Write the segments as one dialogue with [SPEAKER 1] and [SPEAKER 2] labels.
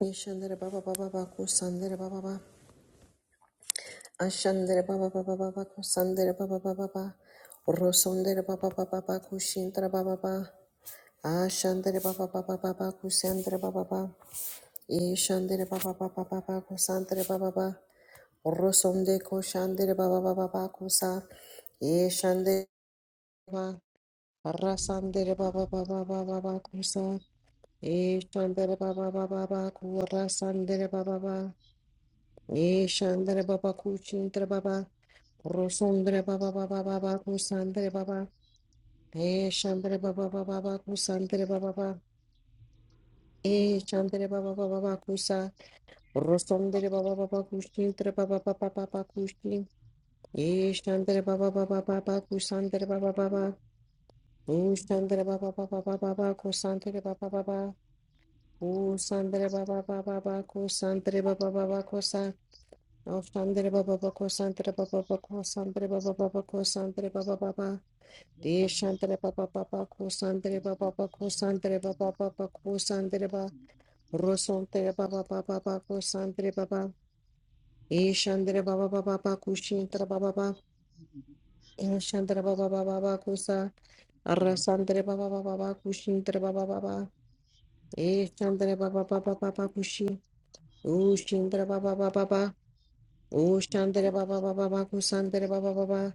[SPEAKER 1] Yeshandere baba baba baba kusandere baba baba. Ashandere baba baba baba kusandere baba baba baba. Rosondere baba baba baba kushindere baba baba. Ashandere baba baba baba kusandere baba baba. Yeshandere baba baba baba kusandere baba baba. Rosonde koshandere baba baba baba kusa. Yeshandere baba. Rasandere baba baba baba baba kusa. Yeshandere baba baba baba kurasandere baba baba. Ye Shandra Baba Kuchindra Baba Rosundra Baba Baba Baba Kusandra Baba He Shandra Baba Baba Baba Kusandra Baba Baba He
[SPEAKER 2] Thank
[SPEAKER 1] Shandra Baba Baba Baba Kusa Rosundra Baba Baba Kuchindra Baba Baba Baba Kuchin Ye Shandra Baba Baba Baba Kusandra Baba Baba He Shandra Baba Baba Baba Baba Kusandra Baba Baba Kusandra Baba Baba Baba Kusandra Baba Baba Kusa Shantre Baba Bako Santre Baba Bako Santre Baba Bako Santre Baba Baba De Shantre Baba Baba Ko Santre Baba Bako Santre Baba Baba Ko Santre Baba Rosantre Baba Baba Bako Santre Baba E Shantre Baba Baba Bako Shintra Baba Baba E Shantre Baba Baba Bako Sa Rasantre Baba Baba Bako Shintra Baba Baba E Shantre Baba Baba Baba Kushi O Shintra Baba Baba Baba O Shantre Baba Baba Bako Santre Baba Baba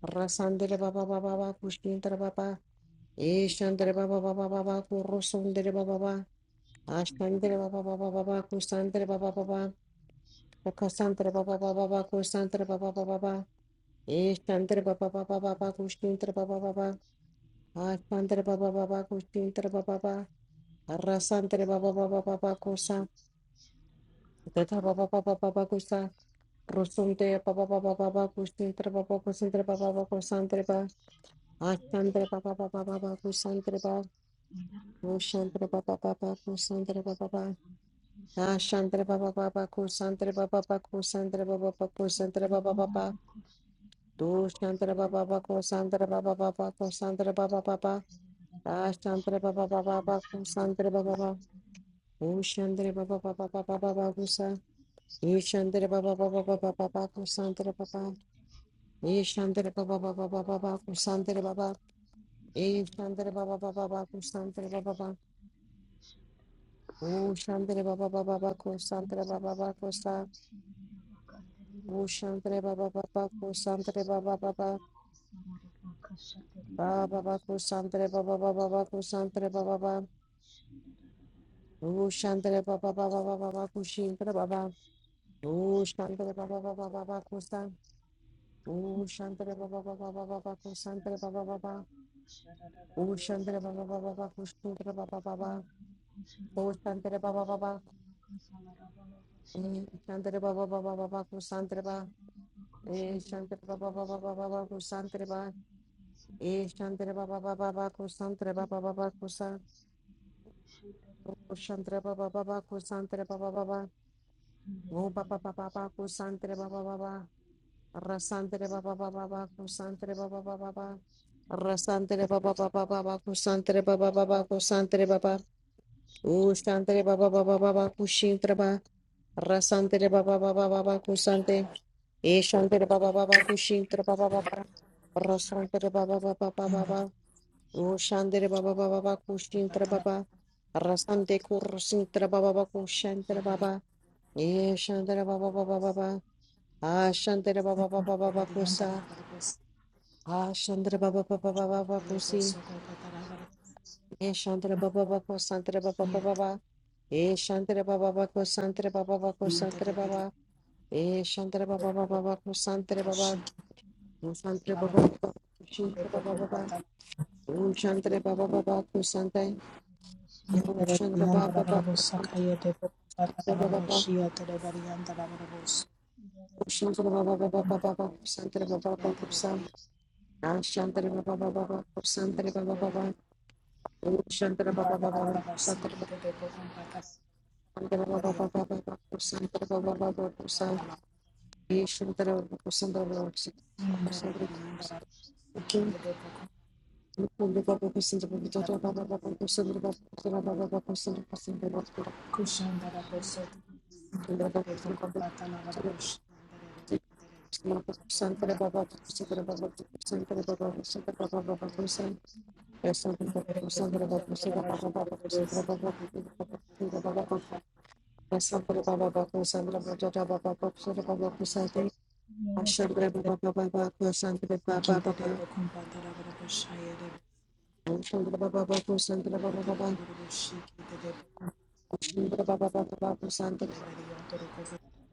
[SPEAKER 1] Rasandere baba baba baba kushindere baba. Eshandere baba baba baba kurusundere baba baba. Ashandere baba baba baba kusandere baba baba. Kasandere baba baba baba kusandere baba baba baba. Eshandere baba baba baba kushindere baba baba. Ashandere baba baba kushindere baba baba. Rasandere baba baba baba kusa. Teta baba baba baba kusa. Rusundere baba baba baba kushindere baba kusandere baba baba kusandere baba. Ashandere baba baba baba kusandere baba. Shantra Baba Baba Kusantra Baba Baba Ah Shantra Baba Baba Kusantra Baba Baba Kusantra Baba Baba Kusantra Baba Baba Do Shantra Baba Baba Kusantra Baba Baba Kusantra Baba Baba Ah Shantra Baba Baba Baba Kusantra Baba Baba O Shantra Baba Baba Baba Baba Kusa E Shantra Baba Baba Baba Baba Kusantra Baba E Shantra Baba Baba Baba Baba Kusantra Baba E Shantra Baba Baba Baba Kusantra Baba Baba O Shantra Baba Baba Baba Kusantra Baba Baba Kusa Ushantre baba baba kusantre baba baba baba baba kusantre baba baba baba kusantre baba baba Ushantre baba baba baba baba kushintre baba Ushantre baba baba baba kusan Ushantre baba baba baba baba kusantre baba baba Ushantre baba baba baba kushintre baba baba Ushantre baba baba
[SPEAKER 2] you.
[SPEAKER 1] Ushantre baba baba baba
[SPEAKER 2] Thank
[SPEAKER 1] kusantre baba Ushantre baba baba baba baba kusantre baba Ushantre baba baba baba kusantre baba baba kusan Kushantre baba baba kusantre baba baba go baba baba baba kusantre baba baba rasantre baba baba baba kusantre baba baba baba rasantre baba baba baba kusantre baba baba kusantre baba
[SPEAKER 2] you.
[SPEAKER 1] ushantre baba baba baba kushintre baba rasantre baba baba baba kusante eshantre baba baba kushintre baba baba rasantre baba baba baba ushantre baba baba baba kushintre baba rasante kursintre baba baba kushantre baba Ye Shandra Baba Baba Baba. Ah Shandra Baba Baba Baba Kusa. Ah Shandra Baba Baba Baba Kusi. Ye Shandra Baba Baba Kusantra Baba Baba. Ye Shandra Baba Baba Kusantra Baba Baba Kusantra Baba. Ye Shandra Baba Baba Baba Kusantra Baba. Kusantra Baba Baba. Shandra Baba Baba. Om Shandra Baba Baba Kusante. Om Shandra Baba Baba Kusantra Baba Baba. Om Shandra Baba Baba Baba Kusantra Baba Baba Kosa. Ah, Shantara Baba Baba Baba, Santara Baba Baba, Oh Shantara Baba Baba, Santara Baba Baba Baba, Santara Baba Baba, Shantara Baba, Santara Baba, Santara Baba, Baba Baba, Santara Baba Baba, Baba, Santara Baba, Santara Baba, Santara Baba Baba, Baba Baba, Baba Baba, Baba Baba, Baba Baba, Baba Baba, Baba Baba Baba, Sandra Baba Baku Sandra Baba Baba Baku Sandra Baba Baku Sandra Baba Baba Baku Sandra Baba Baba
[SPEAKER 2] Thank you.
[SPEAKER 1] Shandra Baba Baku Sandra Baba Baba
[SPEAKER 2] I'm gonna be
[SPEAKER 1] Shandra Baba Baba Baku
[SPEAKER 2] your
[SPEAKER 1] Sandra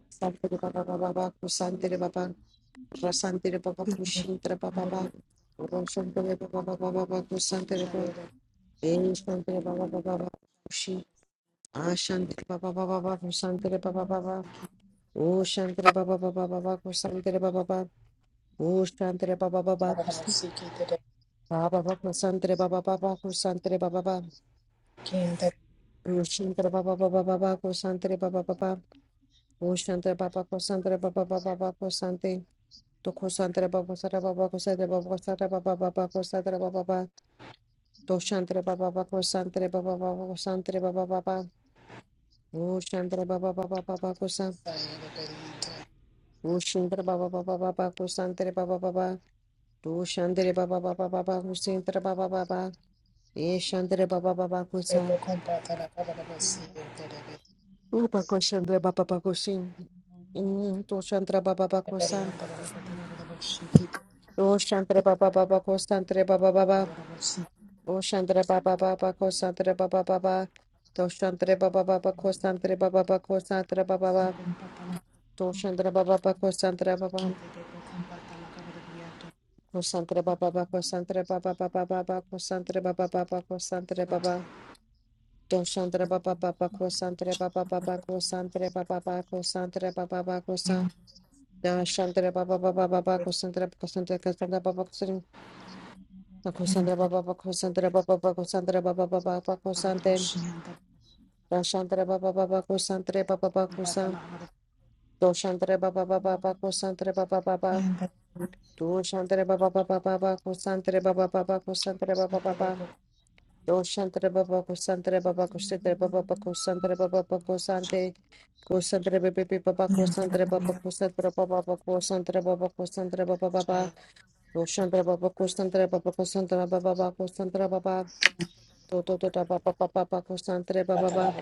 [SPEAKER 1] Sandra Baba Baba Baku Sandra Baba Rasandra Baba Baku Shandra Baba Baba Shandra Baba Baba Baku Sandra Baba Eh, Baba Baba Baku Shi Ah Baba Baba Baku Sandra Baba Baba Oh Shandra Baba Baba Baku Sandra Baba Baba Oh Shandra Baba Baba Baba baba ba ba santre baba ba ko santre baba baba ba Roshantre baba baba ba ba ba ba ko santre baba baba ba ba Roshantre baba ko santre baba baba ba ba ba ko sante to ko santre baba ba sara ba ko santre baba ba ko santre ba ba ko santre baba baba ba to shantre baba baba ko santre baba baba ko santre baba baba ba ba Roshantre baba ba ba ba ba ko san Roshantre baba ba ba ko santre ba ba to shantre baba baba ba ko santre ba ba e shantre baba baba ko san Upa koshandra baba bakosin. To shantra baba bakosan. O shantra baba baba kosantra baba baba. O shantra baba baba kosantra baba baba. To shantra baba baba kosantra baba baba kosantra baba baba. To shantra baba baba kosantra baba.
[SPEAKER 2] shelter.
[SPEAKER 1] Kosantra
[SPEAKER 2] I'm
[SPEAKER 1] baba baba kosantra baba baba baba kosantra baba baba kosantra baba. To shantra baba baba kosantra baba baba kosantra baba baba kosantra baba baba Na Shandra Baba Baba Baba Cassandra Cassandra Cassandra Baba Cassandra Cassandra Baba Baba Cassandra Baba Baba Cassandra Baba Baba Baba Cassandra Na Shandra Baba Baba Cassandra Baba Baba Cassandra Do Shandra Baba Baba Baba Cassandra Baba Baba Do Shandra Baba Baba Baba Cassandra Baba Baba Cassandra Baba Baba Do Shandra Baba Cassandra Baba Cassandra Baba Baba Cassandra Baba Baba Cassandra Cassandra Baba Baba Cassandra Baba Cassandra Baba Baba Cassandra Baba Baba Koshandra baba koshandra baba koshandra baba baba koshandra baba to to to baba baba baba koshandra baba baba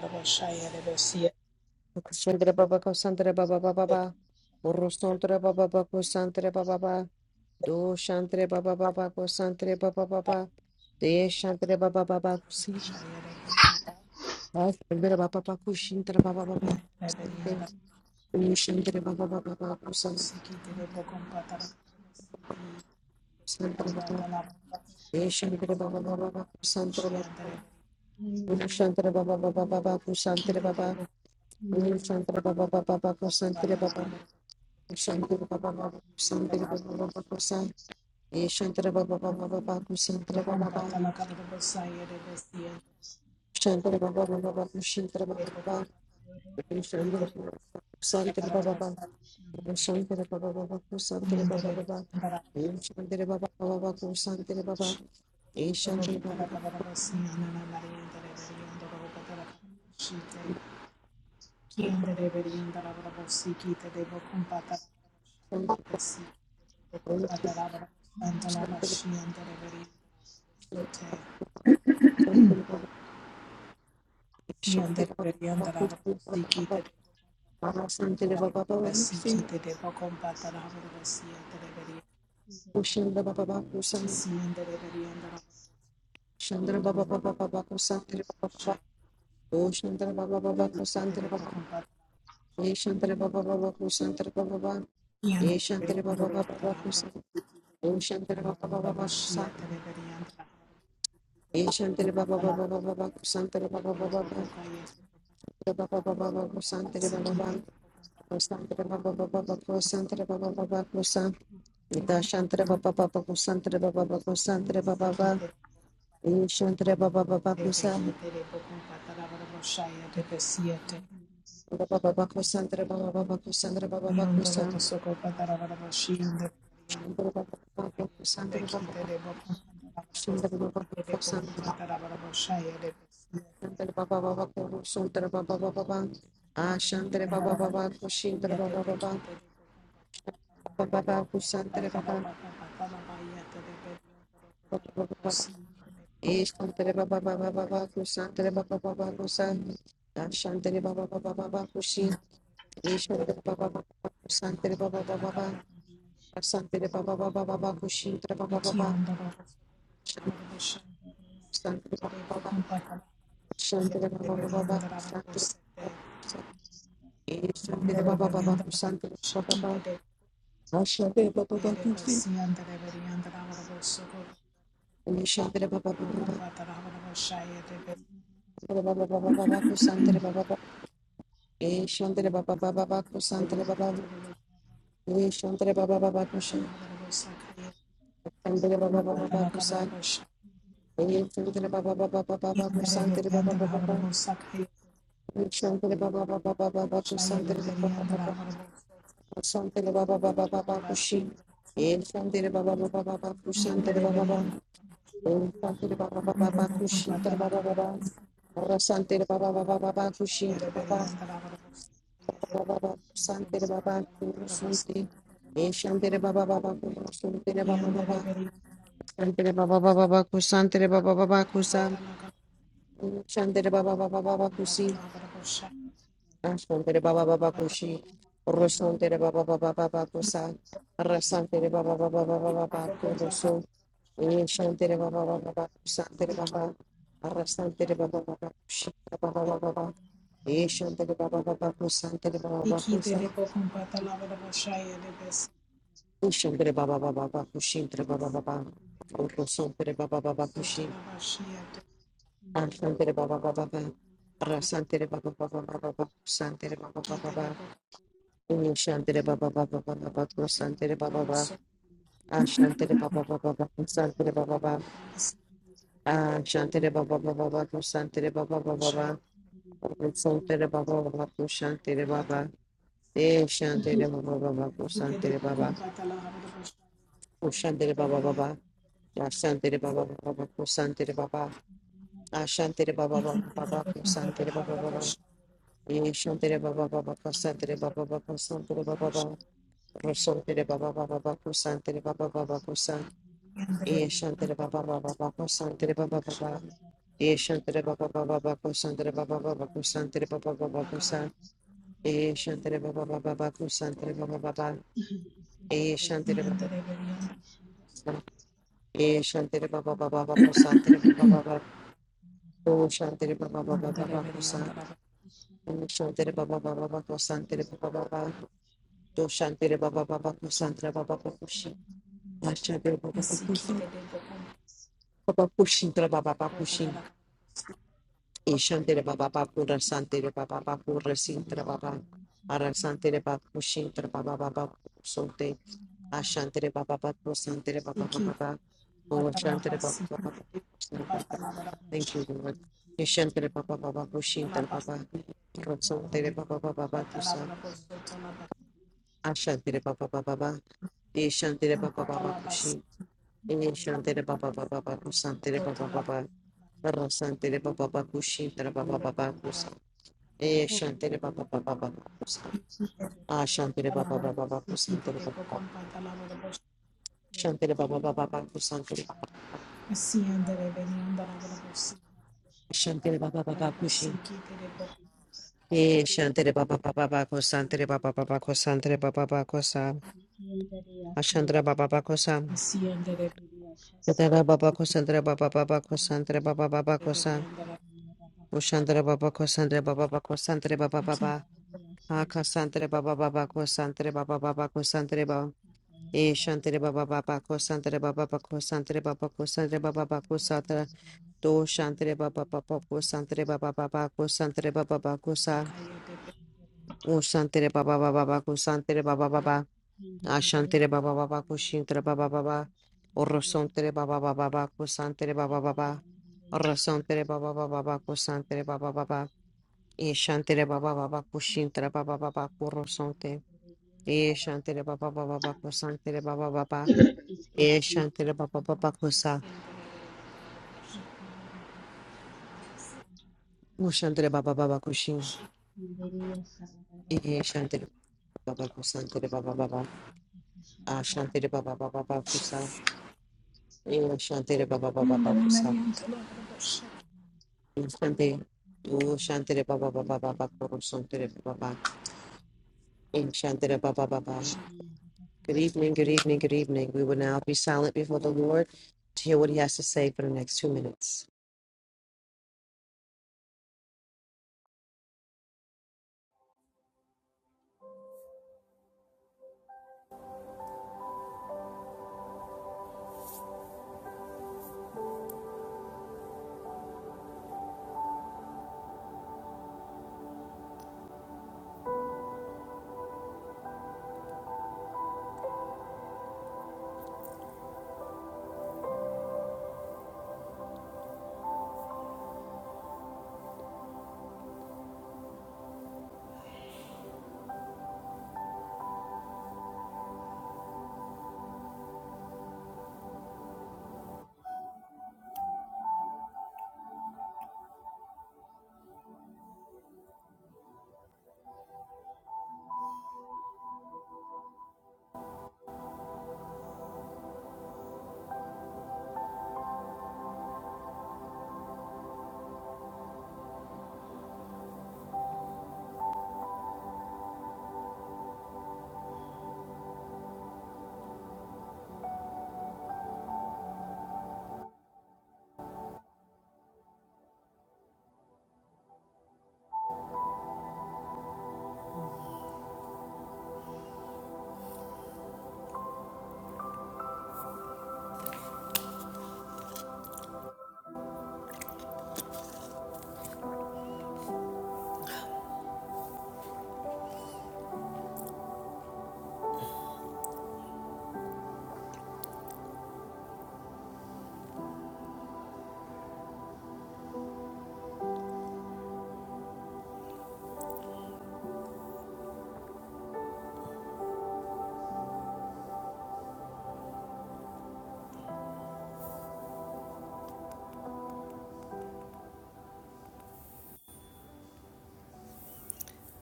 [SPEAKER 1] koshandra baba koshandra baba baba baba orosandra baba baba koshandra baba baba do shantre baba baba koshandra baba baba de shantre baba baba si koshandra baba baba
[SPEAKER 2] not sure.
[SPEAKER 1] koshandra baba baba koshandra baba baba baba koshandra baba de shantre baba baba baba koshandra baba baba koshandra baba baba baba koshandra baba Shantara baba baba baba ko shantara baba shantara baba baba shantara baba baba ko sah. E shantara baba baba baba ko shantara baba shantara baba baba baba ko shantara baba. Shantara baba baba ko shantara baba baba ko shantara baba baba. Shantara baba baba ko shantara baba e shantara baba shantara shantara shantara baba shantara baba baba ko shantara baba baba. A shantara baba baba ko shantara baba baba. O Shandra Baba Bakusan, Shandra Baba Baba Bakusantra Baba, O Shandra Baba Baba Kusantra Baba, E Baba Baba Kusantra Baba, E Baba Baba Bakusan, O Baba Baba Bakusan, E Baba Baba Baba Bakusantra Baba Baba, Baba Baba Baba Kusantra Baba, Kusantra Baba Baba Bakusantra Baba Baba Kusan,
[SPEAKER 2] Thank you.
[SPEAKER 1] Ita Shantra Baba Baba Kusantra Baba Bakusantra Baba, E Shantra Baba Baba Kusan,
[SPEAKER 2] I'm going to be
[SPEAKER 1] Baba Baba Kusandra Baba Baba Kusandra Baba Baba Kusandra
[SPEAKER 2] a
[SPEAKER 1] Baba Baba Kusandra Baba Baba Kusandra Baba Baba Kusandra Baba Baba Kusandra Baba Baba Baba Ashantre Baba Baba Kushindra Baba Baba Baba Baba Kusantre Baba Baba Baba Ishtantre Baba Baba Baba Kusantre Baba Baba Kusan Ashantre Baba Baba Baba Kushi Ishtantre Baba Baba Kusantre Baba Baba Baba Ashantre Baba Baba Baba Kushintra Baba Baba Kusandra Baba Shandra Baba Baba Shandra Baba
[SPEAKER 2] better person.
[SPEAKER 1] Shandra Baba Baba Shandra Baba Baba Shandra Baba Baba Kusi Shandra Baba Baba Baba Baba Baba Shandra Baba Baba E Shandra Baba Baba Baba Shandra Baba Baba Shandra Baba Baba Kusi Shandra Baba Baba Baba San E Shandra Baba Baba Baba Shandra Baba Santri Baba Baba E Shandra Baba Baba Baba Shandra Baba Baba Shandra Baba Baba Baba Kushi E Shandra Baba Baba Baba Shandra Baba Baba Santira Baba Baba Bakushita Baba Baba Ora Santira Baba Baba Baba Kushita Baba Baba Baba Santira Baba Kusunti Santira Baba Baba Kusunti Baba Baba Santira Baba Baba Baba Baba Baba Kusa Santira Baba Baba Baba Kusi Santira Baba Baba Kushi Ora Santira Baba Baba Baba Kusa Ora Santira Baba Baba Baba Baba Ee, Shantere Baba Baba Baba, Santere Baba, Arasantere Baba Baba, Shantara Baba Baba Baba, Ee, Shantere Baba Baba, Kusantere Baba Baba, Kusa, Kushantere Baba Baba Baba, Kushintere Baba Baba, Urusantere Baba Baba, Kushin, Ashantere Baba Baba Baba, Arasantere Baba Baba Baba Baba, Kusantere Baba Baba Baba, Ee, Shantere Baba Baba Baba Baba, Kusantere
[SPEAKER 2] Thank
[SPEAKER 1] Baba Baba,
[SPEAKER 2] you.
[SPEAKER 1] Ashantere Baba Baba Baba, Kusantere Baba Baba, Ashantere Baba Baba Baba, Kusantere Baba Baba Baba, Om Santere Baba Baba Kushantere Baba Eh Shantere Baba Baba Kusantere Baba Kushantere Baba Baba Yashantere Baba Baba Kusantere Baba Ashantere Baba Baba Baba Kusantere Baba Baba Eh Shantere Baba Baba Kusantere Baba Baba Kusantere Baba Baba Rosantere Baba Baba Baba Kusantere Baba Baba Kusan Eh Shantere Baba Baba Baba Kusantere Baba Baba
[SPEAKER 2] I'm
[SPEAKER 1] Eh
[SPEAKER 2] sorry.
[SPEAKER 1] Shantere Baba Baba Baba Kusantere Baba Baba Kusantere Baba Baba Kusan E Shantire Baba Baba Baku Santire Baba Baba E Shantire Baba Baba E Shantire Baba Baba Baku Santire Baba Baba O Shantire Baba Baba Baba Kusan O Shantire Baba Baba Baku Santire Baba Baba Do Shantire Baba Baba Baku Santire Baba Bakushi Ashantire Baba Bakushi Baba Kushintire Baba Bakushi E Shantire Baba Baku Rasantire Baba Baku Rasintire Baba Arasantire Bakushintire Baba Baba Baku Ashantere Baba Baba Santere Baba Baba Baba. Oh
[SPEAKER 2] I'm not sure.
[SPEAKER 1] Shantere Baba Baba Baba, Baba Baba. Thank you, Lord. Yeshantere Baba Baba Bushintere Baba. Santere Baba Baba Baba Kusa. Ashantere Baba Baba Baba. Yeshantere Baba Baba Kushin. Yeshantere Baba Baba Baba Kusantere Baba Baba. Rasantere Baba Baba Kushintere Baba Baba Kusa. Yeshantere Baba Baba Baba Kusa. Ashantere Baba Baba Baba Kusantere Baba.
[SPEAKER 2] Thank you. Thank
[SPEAKER 1] Shantere Baba Baba Baba Kusantere Baba. Shantere Baba Baba Kushin. Eh, Shantere Baba Baba Bako Santere Baba Baba Kosantere Baba Bako Sam Ashandra Baba Bako Sam Yadara Baba Kosantere Baba Baba Kosantere Baba Baba ko sa, Ushandra Baba Kosantere Baba Baba Kosantere Baba Baba Akasantere Baba Baba Kosantere Baba Baba Kosantere Baba Eh, Shantere Baba Baba Kosantere Baba Baba Kosantere
[SPEAKER 2] you.
[SPEAKER 1] Baba Kosantere Baba Baba Kosatra Do Shantere Baba Baba Kosantere Baba Baba Kosantere Baba Baba Kosa Ushantere Baba Baba Baba Kosantere Baba Baba Ashantere baba baba kushintere baba baba. Orosontere baba baba baba kusantere baba baba. Orosontere baba baba baba kusantere baba baba. Eshantere baba baba kushintere baba baba kurosonte. Eshantere baba baba baba kusantere baba baba.
[SPEAKER 2] Iskii.
[SPEAKER 1] Eshantere baba baba kusa. Ushantere baba baba kushin.
[SPEAKER 2] Andiria Sabara
[SPEAKER 1] Eshantere
[SPEAKER 2] Bakasha
[SPEAKER 1] baba baba kusantere baba baba.
[SPEAKER 2] Sabara
[SPEAKER 1] Ashantere baba baba baba kusa. Eshantere baba baba baba kusa. Shanti. Oh, Shantere Baba Baba Baba Koro Shantere Baba. In Shantere Baba Baba. Good evening, good evening, good evening. We will now be silent before the Lord to hear what he has to say for the next two minutes.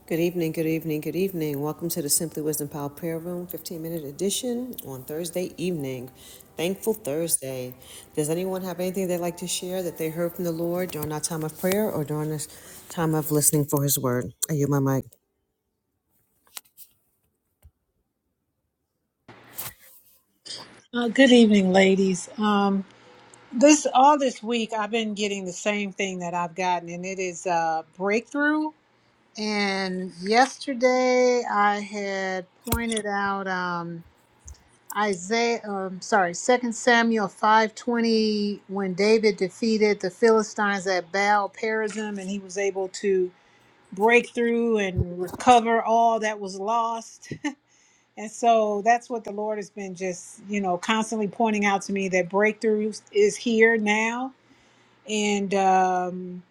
[SPEAKER 1] Good evening, good evening, good evening. Welcome to the Simply Wisdom Power Prayer Room 15 minute edition on Thursday evening. Thankful Thursday. Does anyone have anything they'd like to share that they heard from the Lord during our time of prayer or during this time of listening for his word? Are you my mic?
[SPEAKER 3] Uh, good evening, ladies. Um, this all this week, I've been getting the same thing that I've gotten, and it is uh, breakthrough. And yesterday, I had pointed out um, Isaiah. Um, sorry, Second Samuel five twenty, when David defeated the Philistines at Baal Perazim, and he was able to break through and recover all that was lost and so that's what the Lord has been just, you know, constantly pointing out to me that breakthrough is here now. And um,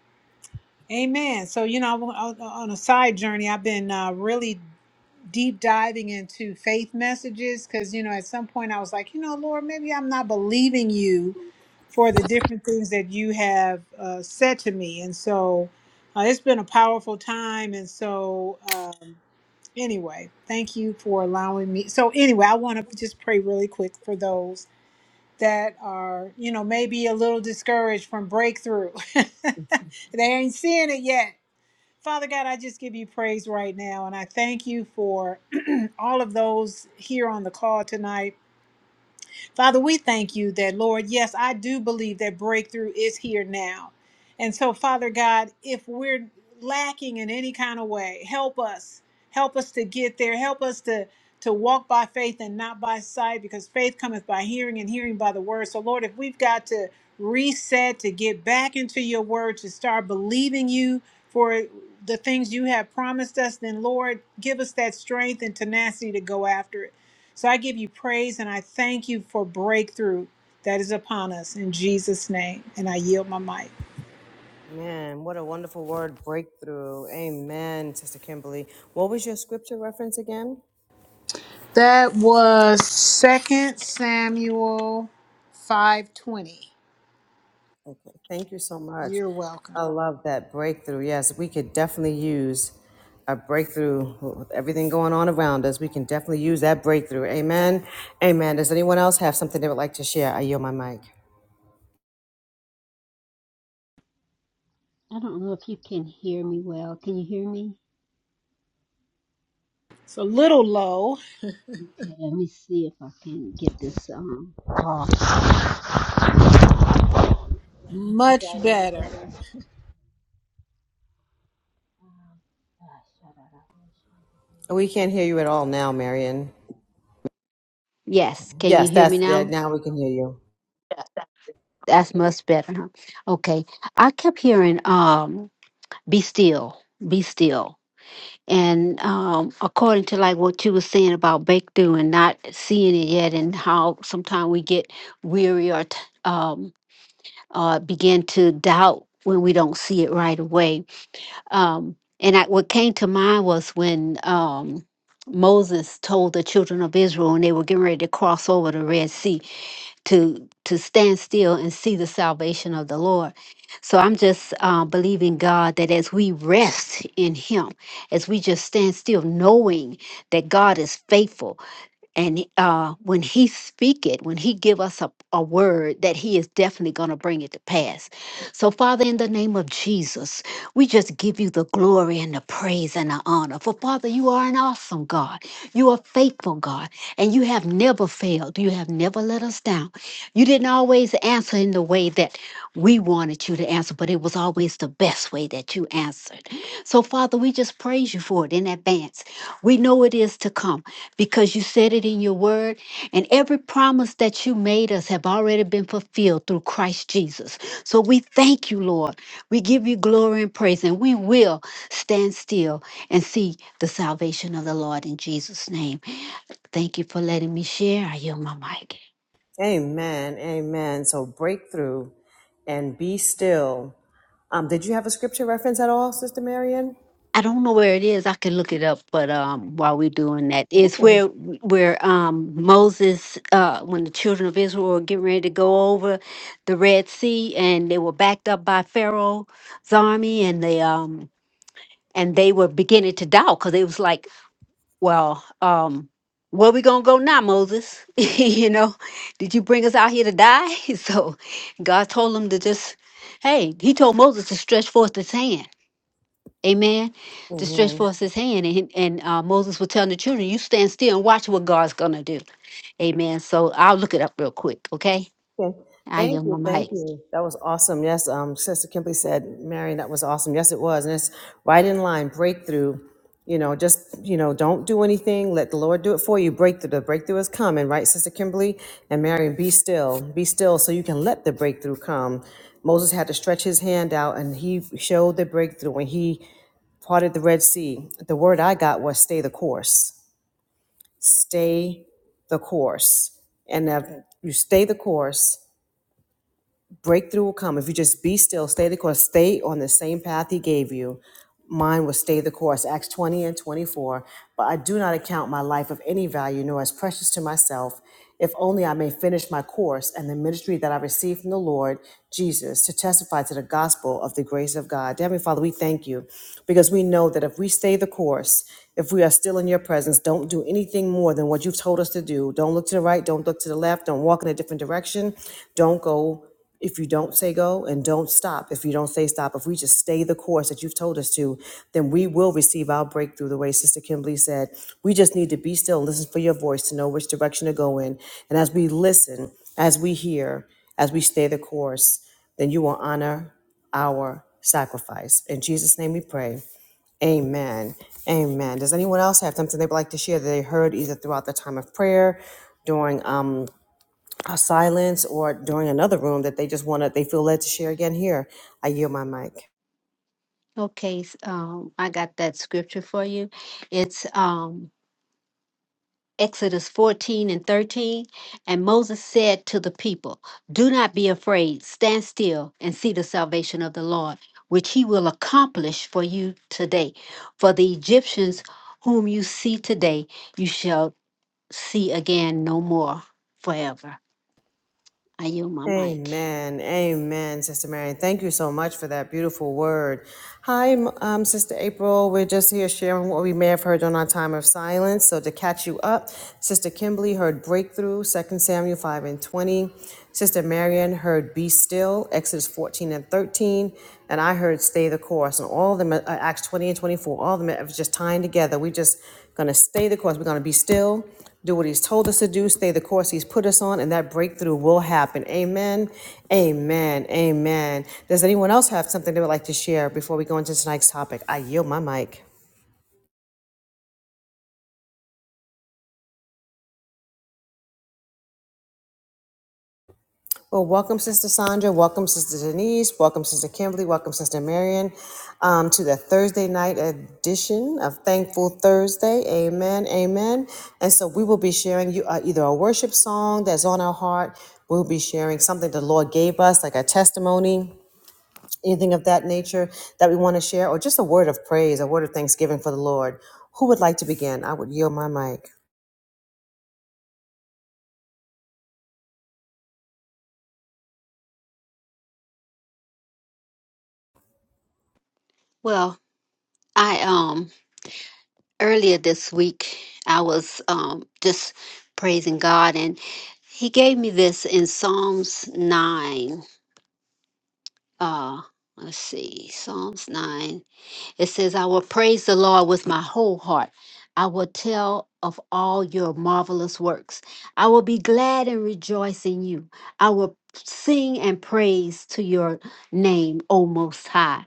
[SPEAKER 3] amen. So, you know, on on a side journey, I've been uh, really deep diving into faith messages because, you know, at some point I was like, you know, Lord, maybe I'm not believing you for the different things that you have uh, said to me. And so uh, it's been a powerful time. And so, uh, anyway, thank you for allowing me. So anyway, I want to just pray really quick for those that are, you know, maybe a little discouraged from breakthrough. they ain't seeing it yet. Father God, I just give you praise right now and I thank you for all of those here on the call tonight Father, we thank you that, Lord, yes, I do believe that breakthrough is here now. And so, Father God, if we're lacking in any kind of way, help us. Help us to get there. Help us to to walk by faith and not by sight because faith cometh by hearing and hearing by the word. So Lord, if we've got to reset to get back into your word to start believing you for the things you have promised us, then Lord, give us that strength and tenacity to go after it. So I give you praise and I thank you for breakthrough.
[SPEAKER 1] Man, what a wonderful word breakthrough. Amen, Sister Kimberly. What was your scripture reference again?
[SPEAKER 3] That was Second Samuel.
[SPEAKER 1] Thank you so much. I love that breakthrough. Yes, we could definitely use a breakthrough with everything going on around us. We can definitely use that breakthrough. Amen. Amen. Does anyone else have something they would like to share? I yield my mic.
[SPEAKER 2] I don't know if you can hear me well. Can you hear me?
[SPEAKER 3] It's a little low,
[SPEAKER 2] Okay, let me see if I can get this um off. Is that
[SPEAKER 3] much
[SPEAKER 2] any
[SPEAKER 3] better.
[SPEAKER 2] better? Um, ah, Sabara Bakasha.
[SPEAKER 1] We can't hear you at all now, Marion.
[SPEAKER 2] Yes, can you
[SPEAKER 1] Yes,
[SPEAKER 2] hear me
[SPEAKER 1] that's that.
[SPEAKER 2] now?
[SPEAKER 1] Now we can hear you.
[SPEAKER 2] That's much better, huh? Okay. I kept hearing um be still, be still. And um according to like what you were saying about breakthrough and not seeing it yet and how sometimes we get weary or t- um uh begin to doubt when we don't see it right away. Um and I, what came to mind was when um Moses told the children of Israel and they were getting ready to cross over the Red Sea to to stand still and see the salvation of the Lord. So I'm just uh, believing God that as we rest in Him, as we just stand still, knowing that God is faithful, and uh, when he speak it when he give us a, a word that he is definitely going to bring it to pass so father in the name of jesus we just give you the glory and the praise and the honor for father you are an awesome god you are faithful god and you have never failed you have never let us down you didn't always answer in the way that we wanted you to answer but it was always the best way that you answered so father we just praise you for it in advance we know it is to come because you said it in your word and every promise that you made us have already been fulfilled through Christ Jesus. So we thank you, Lord. We give you glory and praise and we will stand still and see the salvation of the Lord in Jesus name. Thank you for letting me share. I yield my mic.
[SPEAKER 1] Amen. Amen. So breakthrough and be still Um, did you have a scripture reference at all, Sister Marion?
[SPEAKER 2] I don't know where it is. I can look it up, but um, while we're doing that, it's
[SPEAKER 1] Okay.
[SPEAKER 2] where where um, Moses, uh, when the children of Israel were getting ready to go over the Red Sea, and they were backed up by Pharaoh's army, and they um and they were beginning to doubt because they was like, well, um, where we gonna go now, Moses? you know, did you bring us out here to die? So God told them to just, hey, He told Moses to stretch forth His hand Amen. To stretch
[SPEAKER 1] Amen.
[SPEAKER 2] forth his hand, and, and uh, Moses was telling the children, You stand still and watch what God's going to do. Amen. So I'll look it up real quick, okay?
[SPEAKER 1] Okay.
[SPEAKER 2] I
[SPEAKER 1] Thank
[SPEAKER 2] yield my
[SPEAKER 1] you. Thank
[SPEAKER 2] mic.
[SPEAKER 1] you. That was awesome. Yes. Um, Sister Kimberly said, Marion, that was awesome. Yes, it was. And it's right in line breakthrough. You know, just, you know, don't do anything. Let the Lord do it for you. Breakthrough. The breakthrough is coming, right, Sister Kimberly? And Marion, be still. Be still so you can let the breakthrough come. Moses had to stretch his hand out and he showed the breakthrough when he parted the Red Sea. The word I got was stay the course stay the course. And if you stay the course, breakthrough will come if you just be still, stay the course, stay on the same path He gave you. Mine was stay the course, Acts 20 and 24. But I do not account my life of any value, nor as precious to myself, if only I may finish my course and the ministry that I received from the Lord Jesus to testify to the gospel of the grace of God. Dear Heavenly Father, we thank you because we know that if we stay the course, if we are still in your presence, don't do anything more than what you've told us to do. Don't look to the right, don't look to the left, don't walk in a different direction, don't go if you don't say go and don't stop, if you don't say stop, if we just stay the course that you've told us to, then we will receive our breakthrough the way Sister Kimberly said. We just need to be still and listen for your voice to know which direction to go in. And as we listen, as we hear, as we stay the course, then you will honor our sacrifice. In Jesus' name we pray. Amen. Amen. Does anyone else have something they'd like to share that they heard either throughout the time of prayer, during um, a silence or during another room that they just want to, they feel led to share again here. I yield my mic.
[SPEAKER 2] Okay, s- um, I got that scripture for you. It's um, Exodus 14 and 13. And Moses said to the people, Do not be afraid, stand still and see the salvation of the Lord, which he will accomplish for you today. For the Egyptians whom you see today, you shall see again no more forever. I yield my mic.
[SPEAKER 1] Amen. Amen, Sister Mary. Thank you so much for that beautiful word. Hi, um, Sister April. We're just here sharing what we may have heard on our time of silence. So to catch you up, Sister Kimberly heard Breakthrough, Second Samuel 5 and 20. Sister Marion heard Be Still, Exodus 14 and 13. And I heard Stay the Course. And all of them, uh, Acts 20 and 24, all of them are just tying together. We're just going to stay the course. We're going to be still do what he's told us to do, stay the course he's put us on, and that breakthrough will happen. Amen. Amen. Amen. Does anyone else have something they would like to share before we go into tonight's topic? I yield my mic. Well, welcome, Sister Sandra. Welcome, Sister Denise. Welcome, Sister Kimberly. Welcome, Sister Marion, um, to the Thursday night edition of Thankful Thursday. Amen. Amen. And so we will be sharing you uh, either a worship song that's on our heart. We'll be sharing something the Lord gave us, like a testimony anything of that nature that we want to share, or just a word of praise, a word of thanksgiving for the Lord. Who would like to begin? I would yield my mic.
[SPEAKER 2] Well, I um earlier this week I was um just praising God and he gave me this in Psalms nine. Uh let's see, Psalms nine. It says, I will praise the Lord with my whole heart. I will tell of all your marvelous works. I will be glad and rejoice in you. I will sing and praise to your name, O Most High.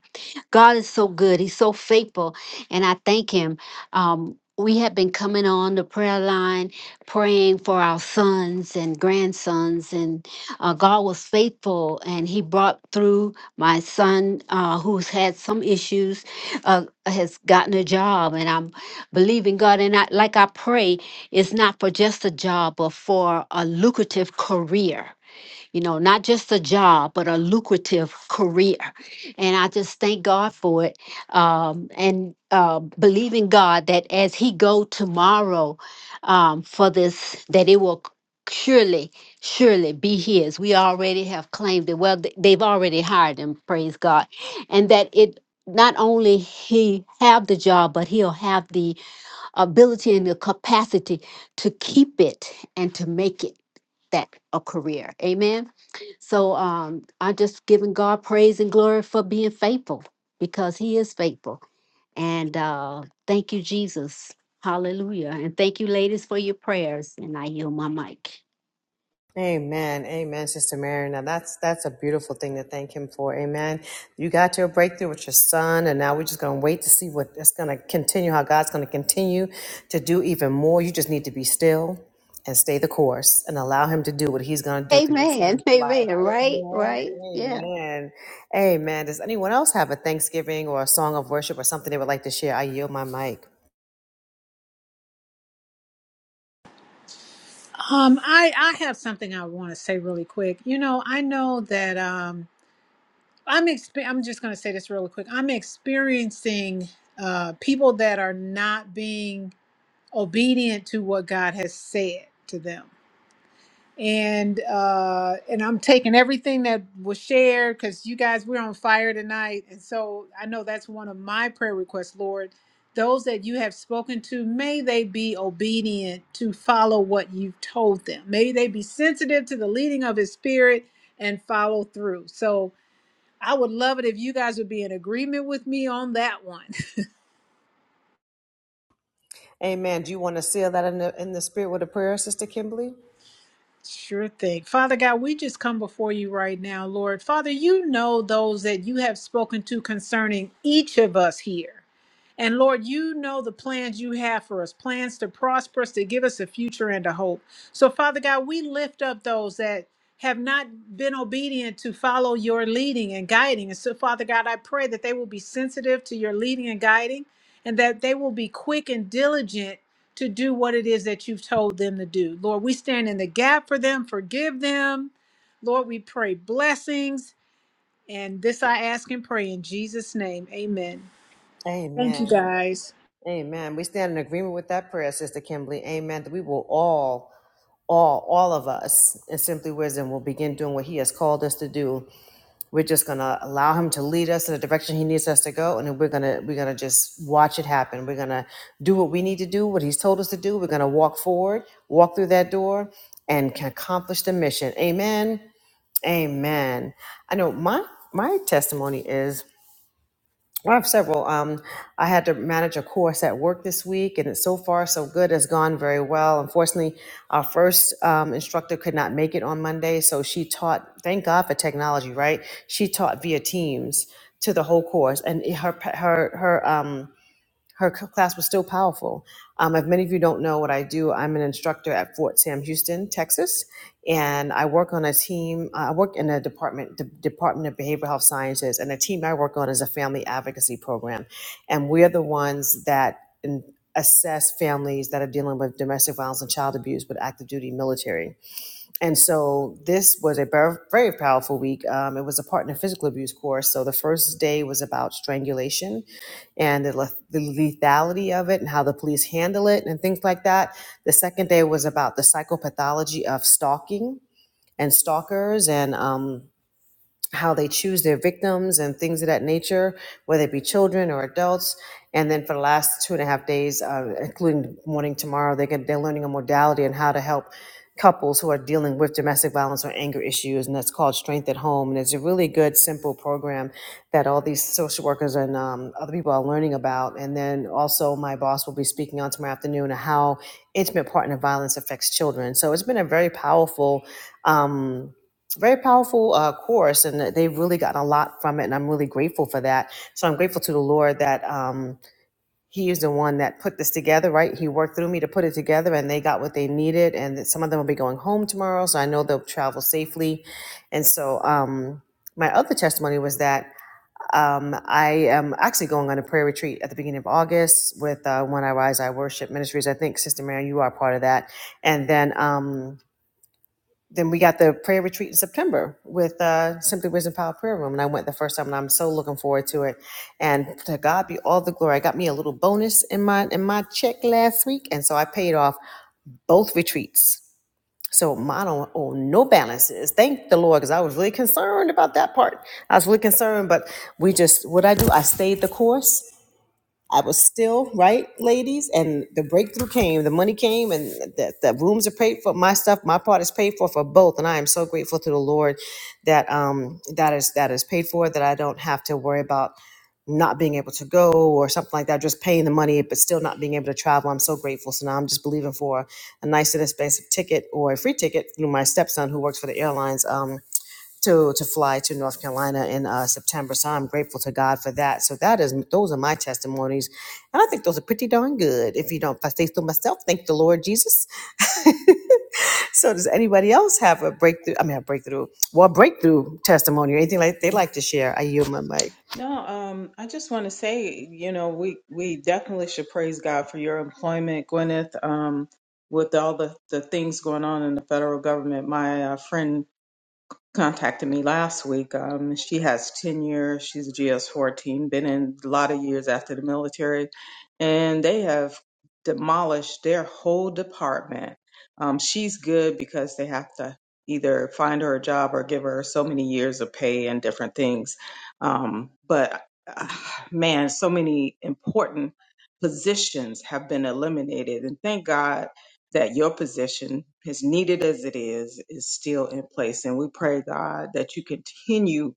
[SPEAKER 2] God is so good. He's so faithful. And I thank Him. Um, we have been coming on the prayer line, praying for our sons and grandsons. And uh, God was faithful and He brought through my son uh, who's had some issues uh, has gotten a job, and I'm believing God. And I, like I pray, it's not for just a job, but for a lucrative career you know, not just a job, but a lucrative career. And I just thank God for it. Um, and uh, believing God that as he go tomorrow um, for this, that it will surely, surely be his. We already have claimed it. Well, th- they've already hired him, praise God. And that it not only he have the job, but he'll have the ability and the capacity to keep it and to make it that a career. Amen. So um, I just giving God praise and glory for being faithful because He is faithful. And uh, thank you, Jesus. Hallelujah. And thank you, ladies, for your prayers. And I yield my mic.
[SPEAKER 1] Amen. Amen, Sister Mary. Now that's that's a beautiful thing to thank him for. Amen. You got your breakthrough with your son, and now we're just gonna wait to see what it's gonna continue, how God's gonna continue to do even more. You just need to be still and stay the course and allow him to do what he's gonna do through your
[SPEAKER 2] Amen.
[SPEAKER 1] son's
[SPEAKER 2] Amen.
[SPEAKER 1] life.
[SPEAKER 2] Right.
[SPEAKER 1] Amen.
[SPEAKER 2] Right. Yeah.
[SPEAKER 1] Amen. Amen. Does anyone else have a Thanksgiving or a song of worship or something they would like to share? I yield my mic.
[SPEAKER 3] Um, I I have something I want to say really quick. You know, I know that um, I'm exp- I'm just going to say this really quick. I'm experiencing uh, people that are not being obedient to what God has said to them and uh and i'm taking everything that was shared because you guys we're on fire tonight and so i know that's one of my prayer requests lord those that you have spoken to may they be obedient to follow what you've told them may they be sensitive to the leading of his spirit and follow through so i would love it if you guys would be in agreement with me on that one
[SPEAKER 1] Amen. Do you want to seal that in the in the spirit with a prayer, Sister Kimberly?
[SPEAKER 3] Sure thing. Father God, we just come before you right now, Lord. Father, you know those that you have spoken to concerning each of us here. And Lord, you know the plans you have for us plans to prosper us, to give us a future and a hope. So, Father God, we lift up those that have not been obedient to follow your leading and guiding. And so, Father God, I pray that they will be sensitive to your leading and guiding and that they will be quick and diligent to do what it is that you've told them to do. Lord, we stand in the gap for them, forgive them. Lord, we pray blessings. And this I ask and pray in Jesus' name. Amen. Thank
[SPEAKER 1] Amen.
[SPEAKER 3] you, guys.
[SPEAKER 1] Amen. We stand in agreement with that prayer, Sister Kimberly. Amen. That we will all all all of us in simply wisdom will begin doing what he has called us to do we're just going to allow him to lead us in the direction he needs us to go and then we're going to we're going to just watch it happen we're going to do what we need to do what he's told us to do we're going to walk forward walk through that door and can accomplish the mission amen amen i know my my testimony is I have several. Um, I had to manage a course at work this week, and it's so far so good. It's gone very well. Unfortunately, our first um, instructor could not make it on Monday, so she taught. Thank God for technology, right? She taught via Teams to the whole course, and her her her um her class was still powerful. Um, if many of you don't know what I do, I'm an instructor at Fort Sam Houston, Texas, and I work on a team. uh, I work in the department, the Department of Behavioral Health Sciences, and the team I work on is a family advocacy program, and we're the ones that in, assess families that are dealing with domestic violence and child abuse with active duty military. And so this was a ver- very powerful week. Um, it was a partner physical abuse course. So the first day was about strangulation and the, le- the lethality of it and how the police handle it and things like that. The second day was about the psychopathology of stalking and stalkers and um, how they choose their victims and things of that nature, whether it be children or adults. And then for the last two and a half days, uh, including the morning tomorrow, they get, they're learning a modality and how to help couples who are dealing with domestic violence or anger issues. And that's called Strength at Home. And it's a really good, simple program that all these social workers and um, other people are learning about. And then also my boss will be speaking on tomorrow afternoon on how intimate partner violence affects children. So it's been a very powerful, um, very powerful uh, course, and they've really gotten a lot from it, and I'm really grateful for that. So I'm grateful to the Lord that um, He is the one that put this together, right? He worked through me to put it together, and they got what they needed, and that some of them will be going home tomorrow, so I know they'll travel safely. And so um, my other testimony was that um, I am actually going on a prayer retreat at the beginning of August with uh, When I Rise, I Worship Ministries. I think Sister Mary, you are part of that, and then. Um, then we got the prayer retreat in September with uh, Simply Wisdom Power Prayer Room, and I went the first time, and I'm so looking forward to it. And to God be all the glory. I got me a little bonus in my in my check last week, and so I paid off both retreats. So mine don't owe no balances. Thank the Lord, because I was really concerned about that part. I was really concerned, but we just what I do, I stayed the course. I was still right, ladies, and the breakthrough came. The money came, and the, the rooms are paid for. My stuff, my part is paid for for both, and I am so grateful to the Lord that um that is that is paid for. That I don't have to worry about not being able to go or something like that. Just paying the money, but still not being able to travel. I'm so grateful. So now I'm just believing for a nice and expensive ticket or a free ticket through my stepson who works for the airlines. Um, to to fly to North Carolina in uh, September. So I'm grateful to God for that. So that is those are my testimonies, and I think those are pretty darn good. If you don't, if I say so myself, thank the Lord Jesus. so does anybody else have a breakthrough? I mean, a breakthrough, well, breakthrough testimony or anything like they like to share? I yield my mic.
[SPEAKER 4] No, um, I just want to say, you know, we we definitely should praise God for your employment, Gwyneth. Um, with all the the things going on in the federal government, my uh, friend contacted me last week. Um, she has tenure. She's a GS 14, been in a lot of years after the military, and they have demolished their whole department. Um, she's good because they have to either find her a job or give her so many years of pay and different things. Um, but uh, man, so many important positions have been eliminated, and thank God that your position, as needed as it is, is still in place. And we pray, God, that you continue,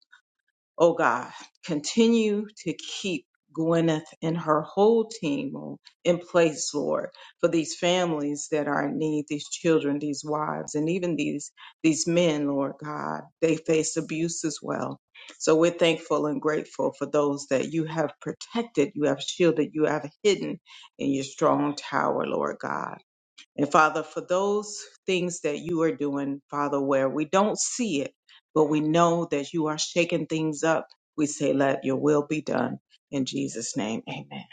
[SPEAKER 4] oh God, continue to keep Gwyneth and her whole team oh, in place, Lord, for these families that are in need, these children, these wives, and even these these men, Lord God, they face abuse as well. So we're thankful and grateful for those that you have protected, you have shielded, you have hidden in your strong tower, Lord God. And Father, for those things that you are doing, Father, where we don't see it, but we know that you are shaking things up, we say, let your will be done. In Jesus' name, amen.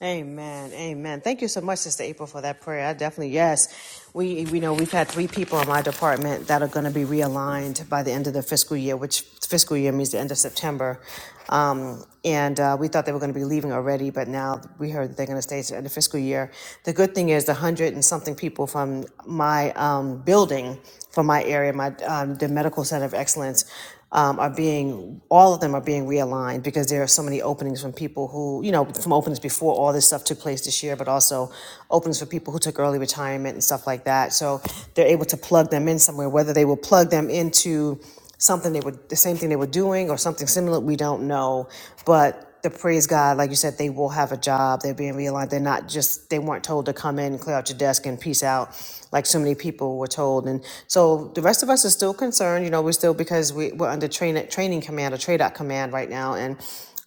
[SPEAKER 1] Amen. Amen. Thank you so much, Sister April, for that prayer. I definitely, yes. We, we know we've had three people in my department that are going to be realigned by the end of the fiscal year, which fiscal year means the end of September. Um, and uh, we thought they were going to be leaving already, but now we heard that they're going to stay to the end of fiscal year. The good thing is the hundred and something people from my um, building, from my area, my um, the Medical Center of Excellence, um, are being all of them are being realigned because there are so many openings from people who you know from openings before all this stuff took place this year but also openings for people who took early retirement and stuff like that so they're able to plug them in somewhere whether they will plug them into something they were the same thing they were doing or something similar we don't know but the praise God, like you said, they will have a job. They're being realigned. They're not just, they weren't told to come in, clear out your desk, and peace out, like so many people were told. And so the rest of us are still concerned. You know, we're still, because we, we're under train, training command or trade out command right now. And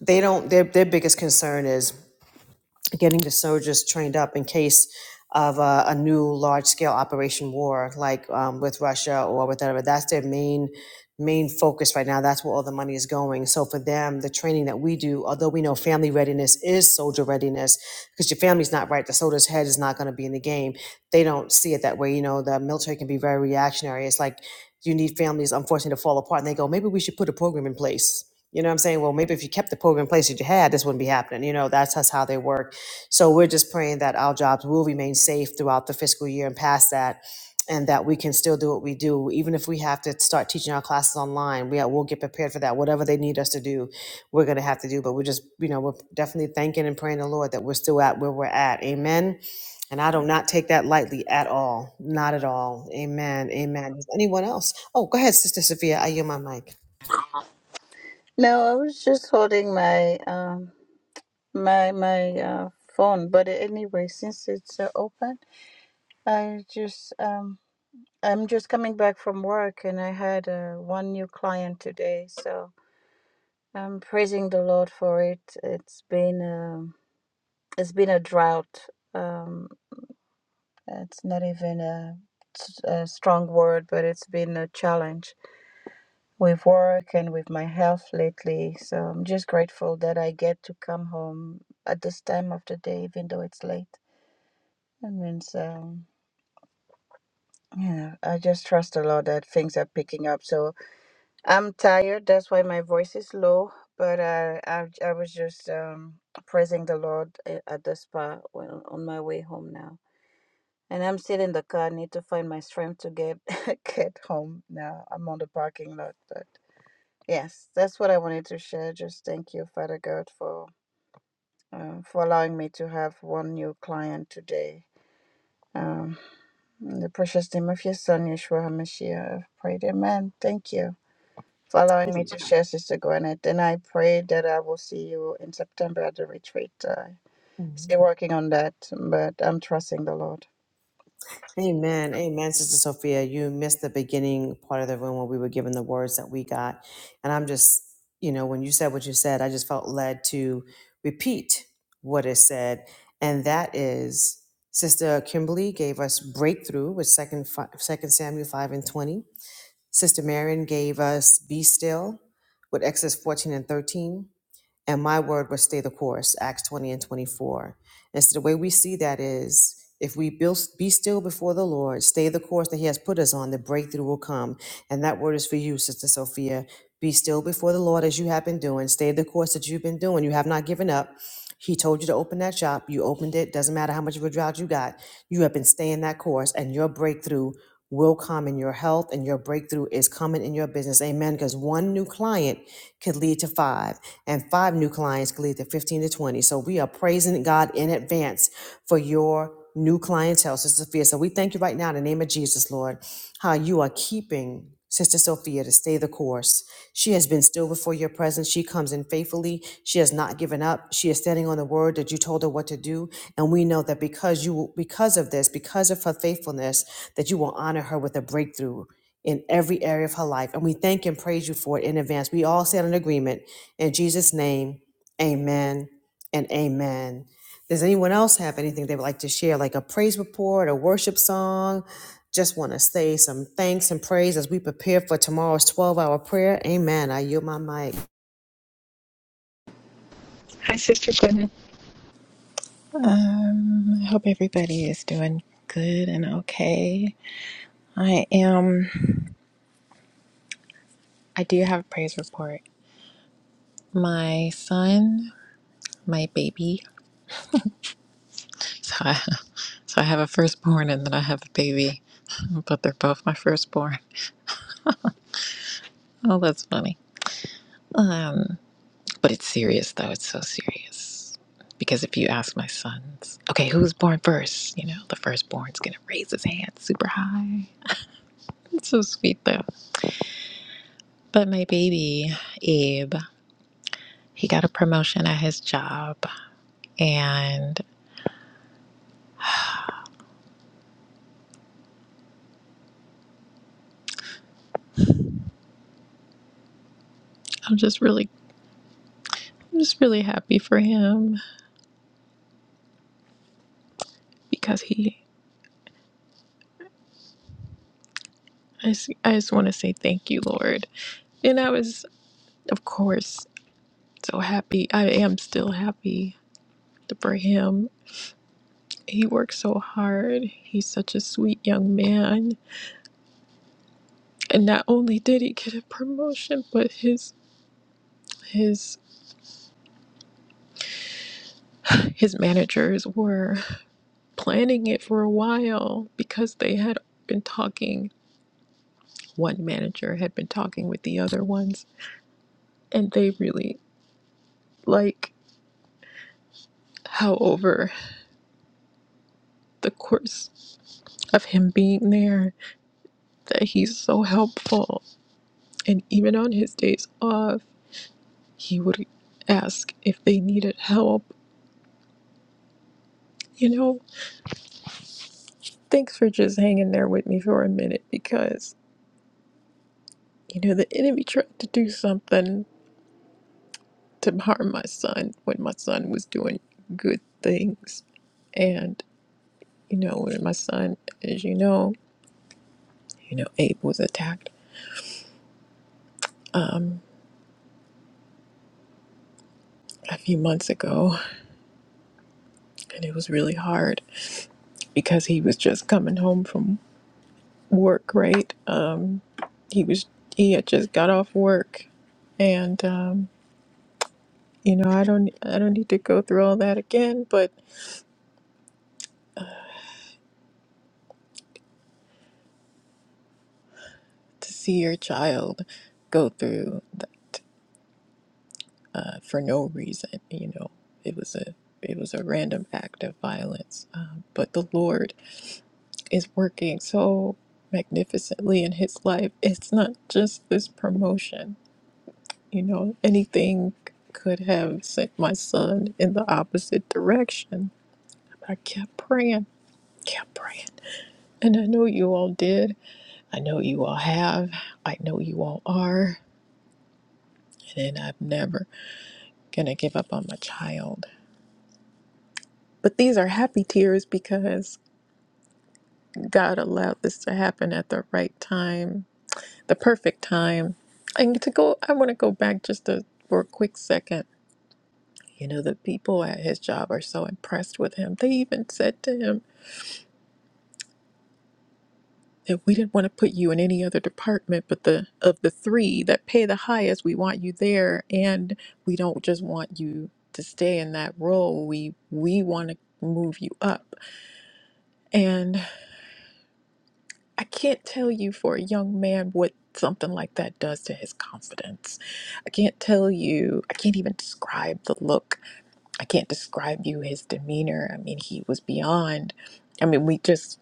[SPEAKER 1] they don't, their, their biggest concern is getting the soldiers trained up in case of a, a new large scale operation war like um, with Russia or with whatever. That's their main main focus right now. That's where all the money is going. So for them, the training that we do, although we know family readiness is soldier readiness, because your family's not right, the soldier's head is not going to be in the game. They don't see it that way. You know, the military can be very reactionary. It's like you need families, unfortunately, to fall apart. And they go, maybe we should put a program in place. You know what I'm saying? Well, maybe if you kept the program in place that you had, this wouldn't be happening. You know, that's, that's how they work so we're just praying that our jobs will remain safe throughout the fiscal year and past that, and that we can still do what we do, even if we have to start teaching our classes online. We will get prepared for that. Whatever they need us to do, we're going to have to do. But we're just, you know, we're definitely thanking and praying the Lord that we're still at where we're at. Amen. And I do not take that lightly at all. Not at all. Amen. Amen. Anyone else? Oh, go ahead, Sister Sophia. I yield my mic.
[SPEAKER 5] No, I was just holding my um my my uh phone, but anyway, since it's uh, open, I just um I'm just coming back from work and I had uh, one new client today, so I'm praising the Lord for it. It's been um it's been a drought. Um it's not even a, s- a strong word, but it's been a challenge with work and with my health lately. So I'm just grateful that I get to come home at this time of the day, even though it's late. It means, um, yeah, I just trust the Lord that things are picking up. So I'm tired. That's why my voice is low. But I, I, I was just um, praising the Lord a- at the spa when, on my way home now. And I'm still in the car. I need to find my strength to get get home now. I'm on the parking lot, but. Yes, that's what I wanted to share. Just thank you, Father God, for um, for allowing me to have one new client today. Um, in the precious name of your Son, Yeshua HaMashiach, I've prayed. Amen. Thank you for allowing me to share, Sister Gwyneth. And I pray that I will see you in September at the retreat. Uh,
[SPEAKER 1] Mhm.
[SPEAKER 5] still working on that, but I'm trusting the Lord.
[SPEAKER 1] Amen. Amen. Sister Sophia, you missed the beginning part of the room where we were given the words that we got. And I'm just, you know, when you said what you said, I just felt led to repeat what is said. And that is Sister Kimberly gave us breakthrough with second second Samuel 5 and 20. Sister Marion gave us be still with Exodus 14 and 13 and my word will stay the course acts 20 and 24 and so the way we see that is if we build, be still before the lord stay the course that he has put us on the breakthrough will come and that word is for you sister sophia be still before the lord as you have been doing stay the course that you've been doing you have not given up he told you to open that shop you opened it doesn't matter how much of a drought you got you have been staying that course and your breakthrough will come in your health and your breakthrough is coming in your business amen because one new client could lead to five and five new clients gleaned at 15 to 20. So we are praising God in advance for your new clientele, Sister Sophia. So we thank you right now in the name of Jesus, Lord, how you are keeping Sister Sophia to stay the course. She has been still before your presence. She comes in faithfully. She has not given up. She is standing on the word that you told her what to do. And we know that because you because of this, because of her faithfulness, that you will honor her with a breakthrough in every area of her life. And we thank and praise you for it in advance. We all stand in agreement in Jesus' name, amen and amen. Does anyone else have anything they would like to share, like a praise report, a worship song? Just want to say some thanks and praise as we prepare for tomorrow's 12 hour prayer. Amen. I yield my mic.
[SPEAKER 6] Hi, Sister Gwyneth. Um, I hope everybody is doing good and okay. I am, I do have a praise report. My son, my baby, so I, so I have a firstborn and then I have a baby, but they're both my firstborn. Oh, that's funny. Um, but it's serious though, it's so serious. Because if you ask my sons, okay, who's born first? You know, the firstborn's gonna raise his hand super high. It's so sweet though. But my baby, Abe, he got a promotion at his job and I'm just really I'm just really happy for him because he I just, I just want to say thank you, Lord. And I was of course so happy. I am still happy for him. He worked so hard. He's such a sweet young man. And not only did he get a promotion, but his his his managers were planning it for a while because they had been talking. One manager had been talking with the other ones, and they really like how, over the course of him being there, that he's so helpful. And even on his days off, he would ask if they needed help. You know, thanks for just hanging there with me for a minute because, you know, the enemy tried to do something to harm my son when my son was doing good things. And, you know, when my son, as you know, you know, Abe was attacked a few months ago and it was really hard because he was just coming home from work, right? Um, he was he had just got off work and um, you know, I don't I don't need to go through all that again, but to see your child go through uh, for no reason. You know, it was a it was a random act of violence. Um, but the Lord is working so magnificently in his life. It's not just this promotion. You know, anything could have sent my son in the opposite direction. I kept praying, kept praying. And I know you all did. I know you all have. I know you all are. And I'm never going to give up on my child. But these are happy tears because God allowed this to happen at the right time, the perfect time. And to go, I want to go back just to, for a quick second. You know, the people at his job are so impressed with him. They even said to him that we didn't want to put you in any other department, but the of the three that pay the highest, we want you there, and we don't just want you to stay in that role. We we want to move you up. And I can't tell you for a young man what something like that does to his confidence. I can't tell you, I can't even describe the look. I can't describe you his demeanor. I mean, he was beyond. I mean, we just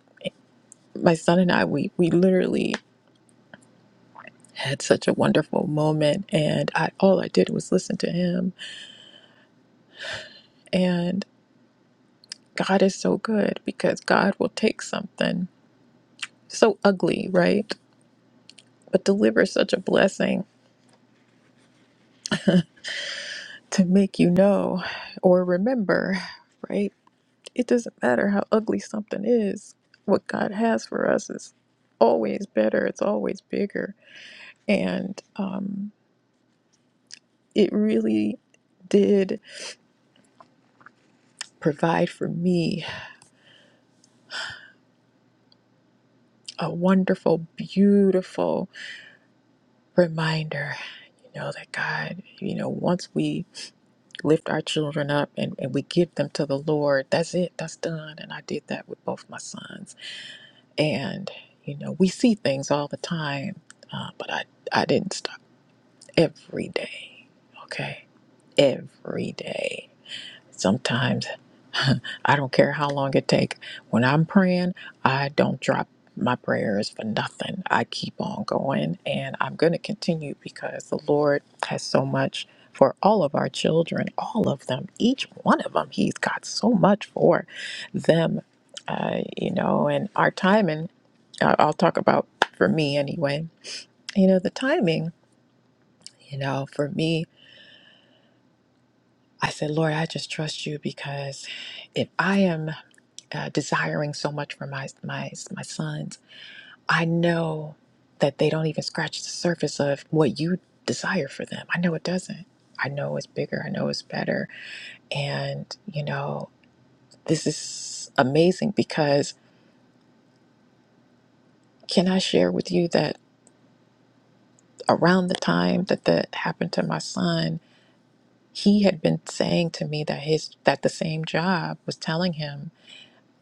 [SPEAKER 6] my son and I we we literally had such a wonderful moment and I all I did was listen to him and God is so good because God will take something so ugly, right? But deliver such a blessing to make you know or remember, right? It doesn't matter how ugly something is. What God has for us is always better, it's always bigger. And um, it really did provide for me a wonderful, beautiful reminder, you know, that God, you know, once we lift our children up and, and we give them to the Lord, that's it, that's done. And I did that with both my sons And, you know, we see things all the time, uh, but I, I didn't stop every day. Okay. Every day. Sometimes I don't care how long it take. When I'm praying, I don't drop my prayers for nothing. I keep on going and I'm going to continue because the Lord has so much for all of our children, all of them, each one of them. He's got so much for them. Uh, you know, and our timing I- I'll talk about for me anyway. You know, the timing, you know, for me, I said, Lord, I just trust you because if I am uh, desiring so much for my, my, my sons, I know that they don't even scratch the surface of what you desire for them. I know it doesn't. I know it's bigger. I know it's better. And, you know, this is amazing because can I share with you that around the time that that happened to my son, he had been saying to me that his that the same job was telling him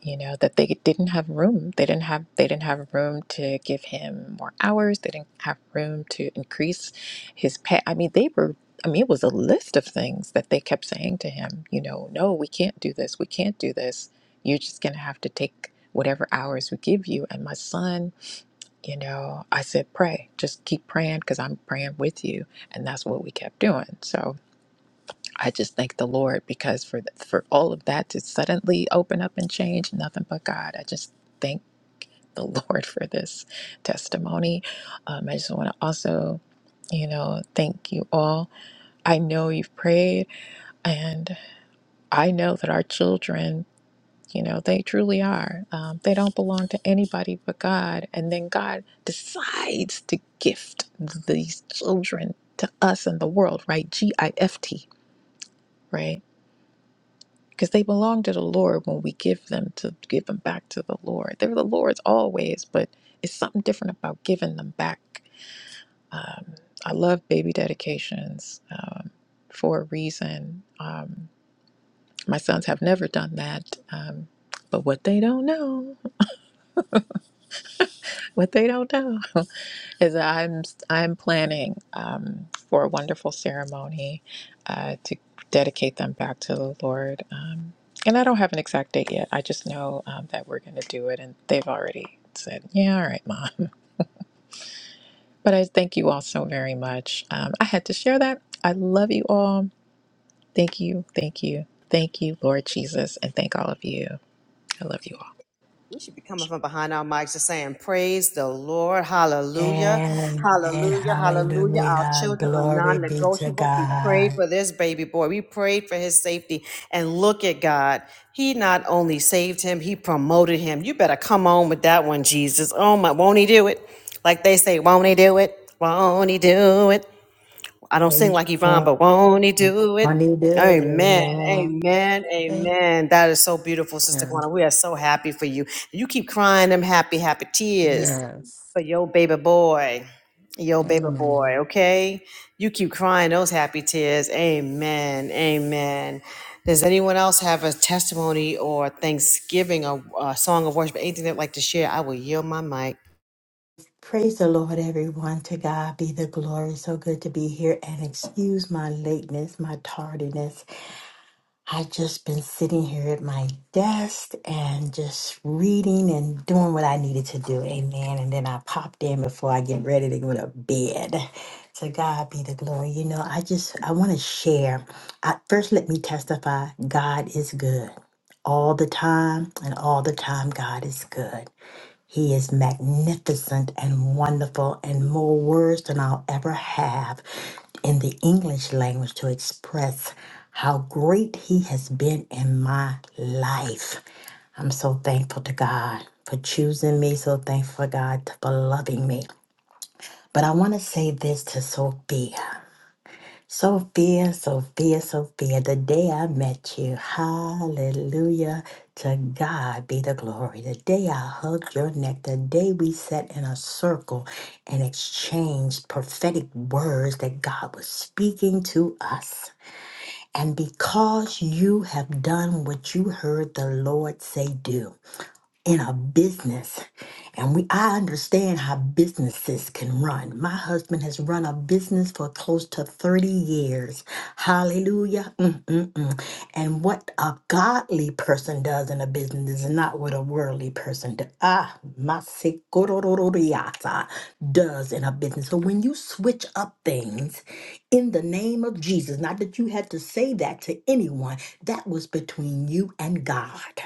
[SPEAKER 6] you know that they didn't have room they didn't have they didn't have room to give him more hours they didn't have room to increase his pay i mean they were i mean it was a list of things that they kept saying to him you know no we can't do this we can't do this you're just going to have to take whatever hours we give you and my son you know i said pray just keep praying because i'm praying with you and that's what we kept doing so I just thank the Lord because for for all of that to suddenly open up and change, nothing but God. I just thank the Lord for this testimony. Um, I just want to also, you know, thank you all. I know you've prayed, and I know that our children, you know, they truly are. Um, they don't belong to anybody but God, and then God decides to gift these children to us and the world, right? G I F T, right? because they belong to the Lord when we give them to give them back to the Lord. They're the Lord's always, but it's something different about giving them back. Um, I love baby dedications um, for a reason. Um, my sons have never done that, um, but what they don't know, what they don't know. is that I'm I'm planning um, for a wonderful ceremony uh, to dedicate them back to the Lord. Um, and I don't have an exact date yet. I just know um, that we're going to do it, and they've already said, "Yeah, all right, mom." But I thank you all so very much. Um, I had to share that. I love you all. Thank you, thank you, thank you, Lord Jesus, and thank all of you. I love you all.
[SPEAKER 1] We should be coming from behind our mics and saying, Praise the Lord. Hallelujah.
[SPEAKER 7] Amen.
[SPEAKER 1] Hallelujah. Hallelujah. Our
[SPEAKER 7] Hallelujah.
[SPEAKER 1] children are
[SPEAKER 7] Glory
[SPEAKER 1] non
[SPEAKER 7] be to
[SPEAKER 1] negotiable. We prayed
[SPEAKER 7] God.
[SPEAKER 1] for this baby boy. We prayed for his safety. And look at God. He not only saved him, he promoted him. You better come on with that one, Jesus. Oh my, won't he do it? Like they say, won't he do it? Won't he do it? I don't sing
[SPEAKER 7] Amen.
[SPEAKER 1] like Yvonne, but won't he do it?
[SPEAKER 7] When you do it.
[SPEAKER 1] Amen.
[SPEAKER 7] Amen.
[SPEAKER 1] Amen. Amen. That is so beautiful, Sister
[SPEAKER 8] Amen.
[SPEAKER 1] Kwana. We are so happy for you. You keep crying them happy, happy tears
[SPEAKER 8] Yes.
[SPEAKER 1] for your baby boy. Your baby boy,
[SPEAKER 8] Amen.
[SPEAKER 1] okay? You keep crying those happy tears. Amen. Amen. Does anyone else have a testimony or thanksgiving or a song of worship, anything they'd like to share? I will yield my mic.
[SPEAKER 7] Praise the Lord, everyone. To God be the glory. So good to be here. And excuse my lateness, my tardiness. I've just been sitting here at my desk and just reading and doing what I needed to do. Amen. And then I popped in before I get ready to go to bed. To God be the glory. You know, I just I want to share. I, first, let me testify. God is good all the time, and all the time, God is good. He is magnificent and wonderful, and more words than I'll ever have in the English language to express how great He has been in my life. I'm so thankful to God for choosing me, so thankful for God for loving me. But I want to say this to Sophia. Sophia, Sophia, Sophia, the day I met you, hallelujah, to God be the glory. The day I hugged your neck, the day we sat in a circle and exchanged prophetic words that God was speaking to us. And because you have done what you heard the Lord say do in a business and we I understand how businesses can run. My husband has run a business for close to 30 years. Hallelujah. Mm-mm-mm. And what a godly person does in a business is not what a worldly person does. Ah, my sikorororiata does in a business. So when you switch up things in the name of Jesus, not that you had to say that to anyone, that was between you and God.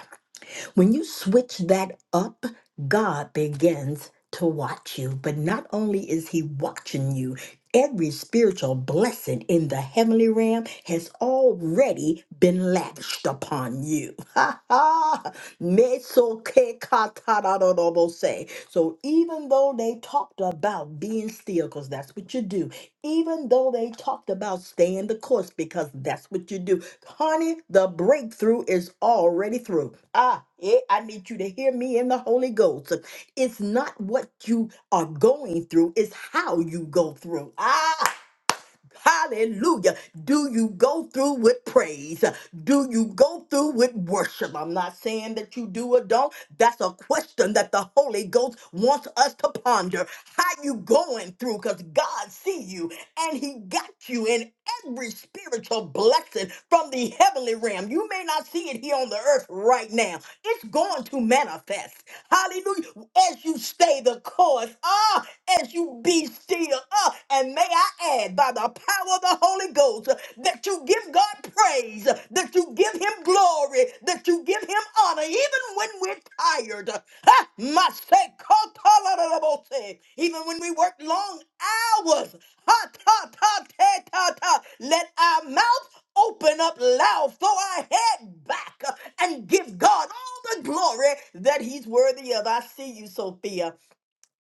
[SPEAKER 7] When you switch that up, God begins to watch you. But not only is He watching you, every spiritual blessing in the heavenly realm has already been lavished upon you. Ha ha! Mesokekatarabose. So even though they talked about being still, because that's what you do, even though they talked about staying the course, because that's what you do, Honey, the breakthrough is already through. Ah, yeah, I need you to hear me in the Holy Ghost. It's not what you are going through, it's how you go through. Ah, Hallelujah. Do you go through with praise? Do you go through with worship? I'm not saying that you do or don't. That's a question that the Holy Ghost wants us to ponder. How you going through? Because God see you and he got you in every spiritual blessing from the heavenly realm. You may not see it here on the earth right now. It's going to manifest. Hallelujah. As you stay the course. Ah, as you be still. Uh, and may I add, by the power of the Holy Ghost, uh, that you give God praise, uh, that you give Him glory, that you give Him honor, even when we're tired. Ah, my say, kotolarabose. Even when we work long hours. Ha, ta, ta, ta, ta, ta. Let our mouth open up loud, throw our head back, uh, and give God all the glory that He's worthy of. I see you, Sophia.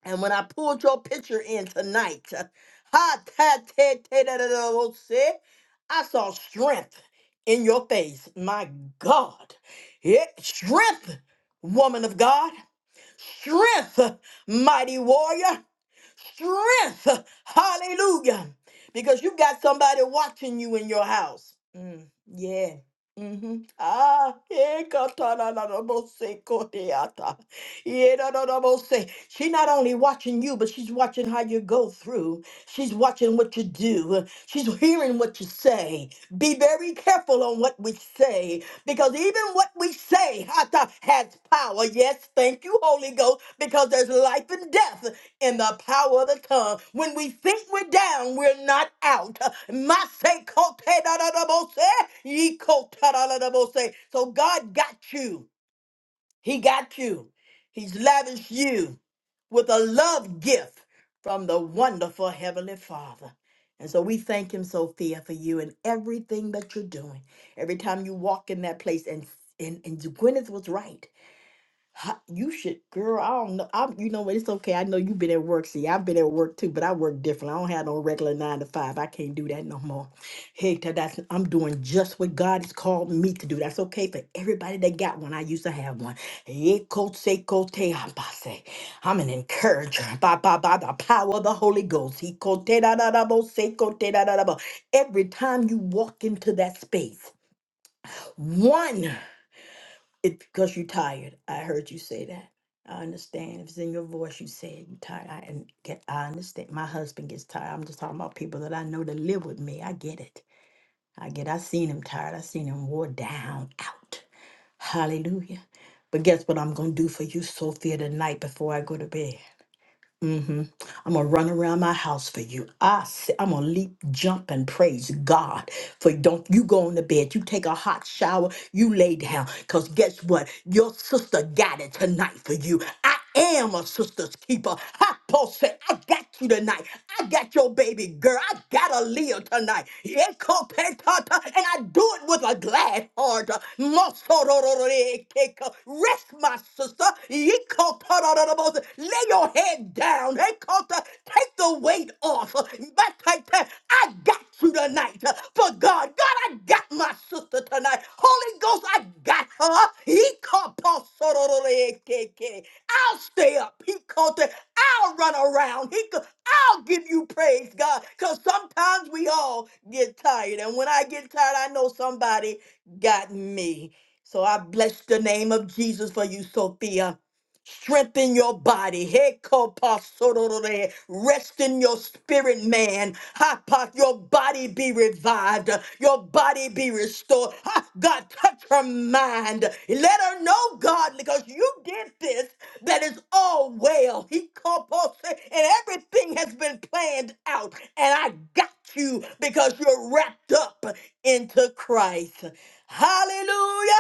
[SPEAKER 7] And when I pulled your picture in tonight, ha ta te te da da da wo, se, I saw strength in your face. My God. Yeah, strength, woman of God. Strength, mighty warrior strength. Hallelujah. Because you got somebody watching you in your house. Mm, yeah. Mm-hmm. Ah, eh, katana na na bo se kote Yeah, no, no, no, no, say. She not only watching you, but she's watching how you go through. She's watching what you do. She's hearing what you say. Be very careful on what we say, because even what we say hata, has power. Yes, thank you, Holy Ghost, because there's life and death in the power of the tongue. When we think we're down, we're not out. Masay kote da da da bo se, ye kote da da da bo se. So God got you. He got you. He's lavished you with a love gift from the wonderful Heavenly Father. And so we thank him, Sophia, for you and everything that you're doing. Every time you walk in that place, and, and, and Gwyneth was right. Ha- You should, girl. I don't know. I, you know what? It's okay. I know you've been at work. See, I've been at work too, but I work different. I don't have no regular nine to five. I can't do that no more. Hey, tha- that's I'm doing just what God has called me to do. That's okay for everybody that got one. I used to have one. Hey, cote, say, cote, ambase. I'm an encourager by, by, by the power of the Holy Ghost. He cote, da, da, da, bo, say, cote, da, da, da, bo. Every time you walk into that space, one. It's because you're tired. I heard you say that. I understand. If it's in your voice, you said you're tired. I and get. I understand. My husband gets tired. I'm just talking about people that I know that live with me. I get it. I get. I seen him tired. I seen him wore down out. Hallelujah. But guess what I'm gonna do for you, Sophia, tonight before I go to bed hmm I'm gonna run around my house for you. I say, I'm gonna leap, jump, and praise God. For don't you go on the bed, you take a hot shower, you lay down. Cause guess what? Your sister got it tonight for you. I am a sister's keeper. I Paul said, I got you tonight. I got your baby girl. I got a Leah tonight. Yeah, co- pe- ta- ta- And I do it with a glad heart. Rest, my sister. Yikotororobos. Lay your head down. Hey, Kota, Take the weight off. But take that. I got you tonight. For God, God, I got my sister tonight. Holy Ghost, I got her. Yikotororobos. I'll stay up. He called it. I'll run around. He co- I'll give you praise, God. Because sometimes we all get tired. And when I get tired, I know somebody got me. So I bless the name of Jesus for you, Sophia. Strengthen your body. Hey, Rest in your spirit, man. Ha, Your body be revived. Your body be restored. Ha, God, touch her mind. Let her know, God, because you did this, that is all well. He called Paul kopose- and everything has been planned out. And I got you because you're wrapped up into Christ. Hallelujah.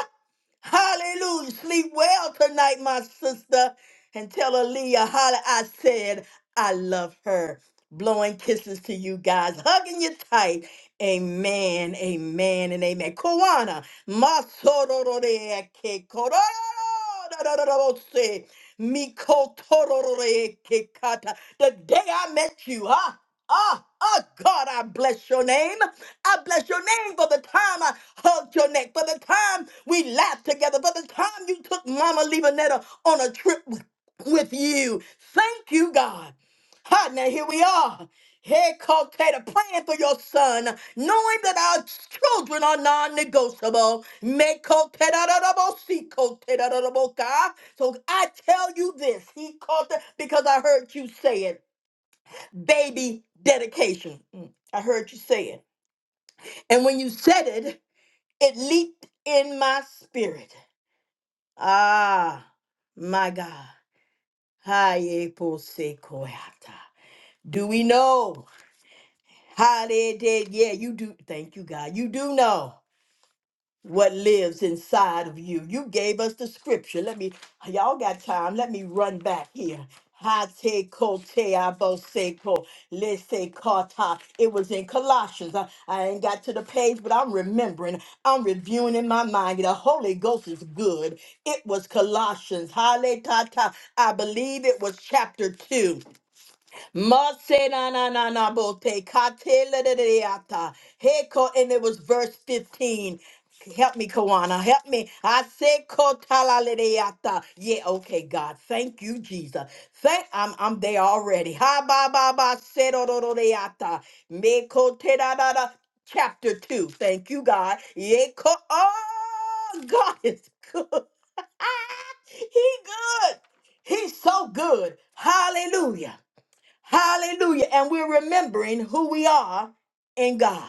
[SPEAKER 7] Hallelujah. Sleep well tonight, my sister. And tell Aaliyah, holla, I said, I love her. Blowing kisses to you guys, hugging you tight. Amen, amen, and amen. Koana, masororeke, kororororororose, mikotororeke kata. the day I met you, huh? Ah, ah, God, I bless your name. I bless your name for the time I hugged your neck, for the time we laughed together, for the time you took Mama Levanetta on a trip with with you. Thank you, God. Ha, now here we are. Hey, Calcata, praying for your son, knowing that our children are non-negotiable. Me Calcata, si Calcata, So I tell you this, he called it because I heard you say it baby dedication. Mm, I heard you say it. And when you said it, it leaped in my spirit. Ah, my God. Haye pose koyata. Do we know? How did it? Yeah, you do. Thank you, God. You do know. what lives inside of you. You gave us the scripture. Let me, y'all got time. Let me run back here. Hate kote aboseko lese kata. It was in Colossians. I, I ain't got to the page, but I'm remembering. I'm reviewing in my mind. The Holy Ghost is good. It was Colossians. Hale tata. I believe it was chapter two. Mase na na na na bote katele de de ata Heko, and it was verse 15. Help me, Kawana. Help me. I say kotala le de ata. Yeah, okay, God. Thank you, Jesus. Thank I'm I'm there already. Ha ba ba ba se do do do de sedodododeyata. Me kote da da da. Chapter 2. Thank you, God. Yeah, ko- oh God is good. he good. He's so good. Hallelujah. Hallelujah. And we're remembering who we are in God.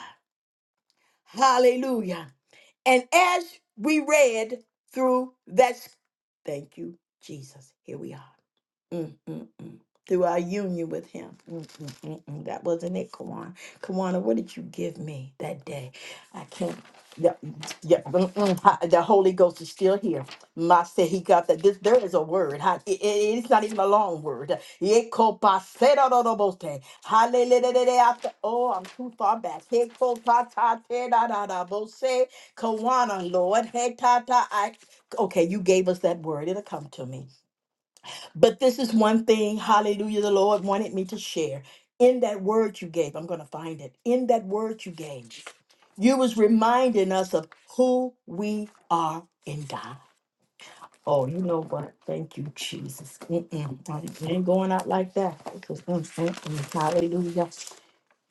[SPEAKER 7] Hallelujah. And as we read through that, thank you, Jesus. Here we are. Mm, mm, mm. Through our union with him. Mm, mm, mm, mm. That wasn't it, Kawana. Kawana, what did you give me that day? I can't. Yeah, yeah, mm, mm, ha- the Holy Ghost is still here. Ma said he got that. This there is a word. ha- it- it- it's not even a long word. Yeko pa se da da da bo te. Hallelujah. I th- Oh, I'm too far back. Yeko pa ta te da da da bo se. Kawana, Lord. Hey, ta ta. I okay. You gave us that word. It'll come to me. But this is one thing, hallelujah, the Lord wanted me to share. In that word you gave, I'm going to find it. In that word you gave, you was reminding us of who we are in God. Oh, you know what? Thank you, Jesus. Mm-mm. I ain't going out like that. Mm, mm, mm. Hallelujah.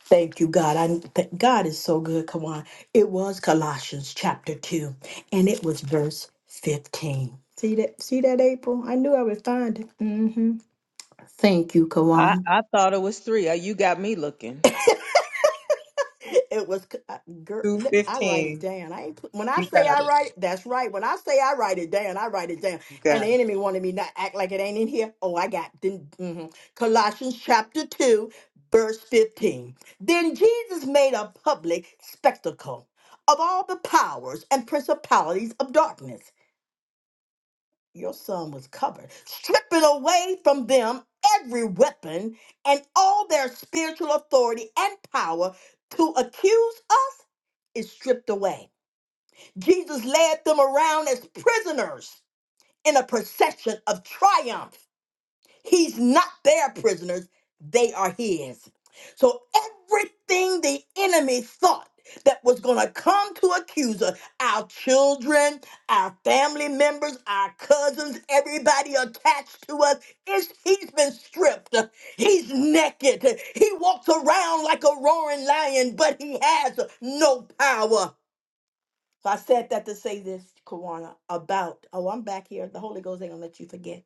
[SPEAKER 7] Thank you, God. I th- God is so good. Come on. It was Colossians chapter 2, and it was verse 15. See that? See that, April? I knew I would find it. Mm-hmm. Thank you,
[SPEAKER 4] I,
[SPEAKER 7] Kawan.
[SPEAKER 4] I thought it was three. Uh, You got me looking.
[SPEAKER 7] It was, uh, girl, I write it
[SPEAKER 6] 215.
[SPEAKER 7] down. I ain't, pl- when I
[SPEAKER 6] You
[SPEAKER 7] say
[SPEAKER 6] got
[SPEAKER 7] I
[SPEAKER 6] it.
[SPEAKER 7] write it, that's right. When I say I write it down, I write it down.
[SPEAKER 6] You
[SPEAKER 7] And
[SPEAKER 6] got
[SPEAKER 7] the
[SPEAKER 6] it.
[SPEAKER 7] enemy wanted me not act like it ain't in here. Oh, I got then. mhm. Colossians chapter two, verse fifteen. Then Jesus made a public spectacle of all the powers and principalities of darkness your son was covered, stripping away from them every weapon and all their spiritual authority and power to accuse us is stripped away. Jesus led them around as prisoners in a procession of triumph. He's not their prisoners, they are his. So everything the enemy thought that was going to come to accuse us, our children, our family members, our cousins, everybody attached to us, is he's been stripped. He's naked. He walks around like a roaring lion, but he has no power. So I said that to say this, Kawana, about, oh, I'm back here. The Holy Ghost ain't going to let you forget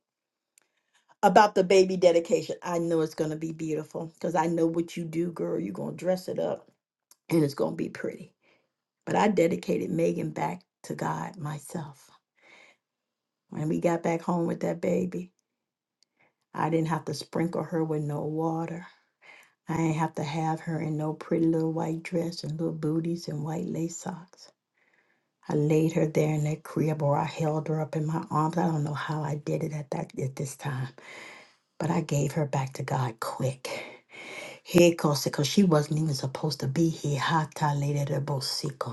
[SPEAKER 7] about the baby dedication. I know it's going to be beautiful because I know what you do, girl. You're going to dress it up and it's going to be pretty. But I dedicated Megan back to God myself. When we got back home with that baby, I didn't have to sprinkle her with no water. I didn't have to have her in no pretty little white dress and little booties and white lace socks. I laid her there in that crib or I held her up in my arms. I don't know how I did it at that at this time. But I gave her back to God quick. Here goes it 'cause she wasn't even supposed to be here. Hata lele de bo si ko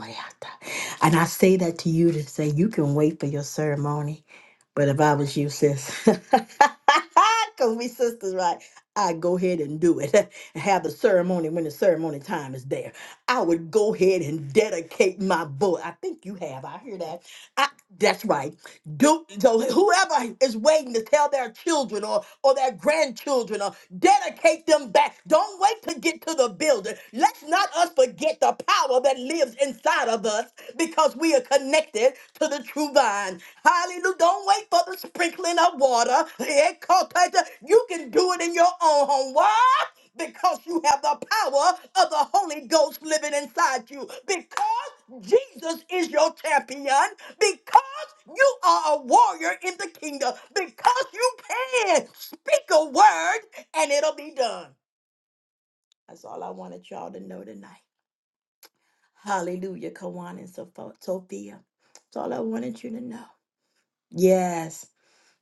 [SPEAKER 7] And I say that to you to say you can wait for your ceremony. But if I was you, sis, because we sisters, right? I'd go ahead and do it and have the ceremony when the ceremony time is there. I would go ahead and dedicate my vote. I think you have. I hear that. I, that's right do so whoever is waiting to tell their children or or their grandchildren or dedicate them back don't wait to get to the building let's not us forget the power that lives inside of us because we are connected to the true vine hallelujah don't wait for the sprinkling of water Yeah, call Peter. you can do it in your own home why because you have the power of the Holy Ghost living inside you. Because Jesus is your champion. Because you are a warrior in the kingdom because you can speak a word and it'll be done. That's all I wanted y'all to know tonight. Hallelujah, Kawan and Sopho- Sophia. That's all I wanted you to know. Yes,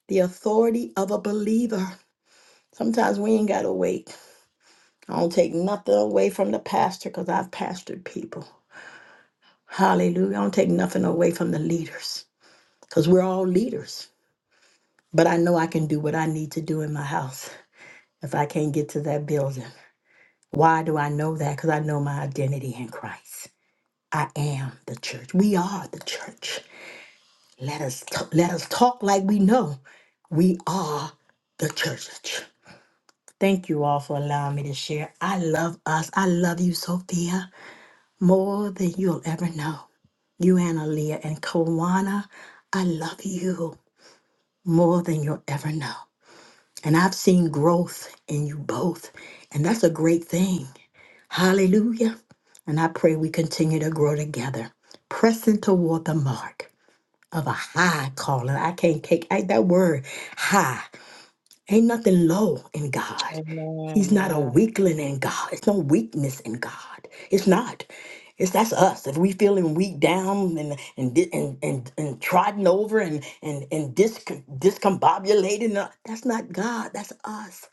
[SPEAKER 7] the authority of a believer. Sometimes we ain't got to wait. I don't take nothing away from the pastor because I've pastored people. Hallelujah. I don't take nothing away from the leaders because we're all leaders. But I know I can do what I need to do in my house. if I can't get to that building. Why do I know that? Because I know my identity in Christ. I am the church. We are the church. Let us t- let us talk like we know. We are the church. Thank you all for allowing me to share. I love us. I love you, Sophia, more than you'll ever know. You, Analia, and Kawana, I love you more than you'll ever know. And I've seen growth in you both. And that's a great thing Hallelujah. And I pray we continue to grow together, pressing toward the mark of a high calling. I can't take I, that word high. Ain't nothing low in God. He's
[SPEAKER 4] Amen.
[SPEAKER 7] not a
[SPEAKER 4] Yeah.
[SPEAKER 7] weakling in God. It's no weakness in God. It's not. It's that's us. If we feeling weak down and and di- and and, and trodden over and and and dis, discombobulated, no, that's not God. That's us.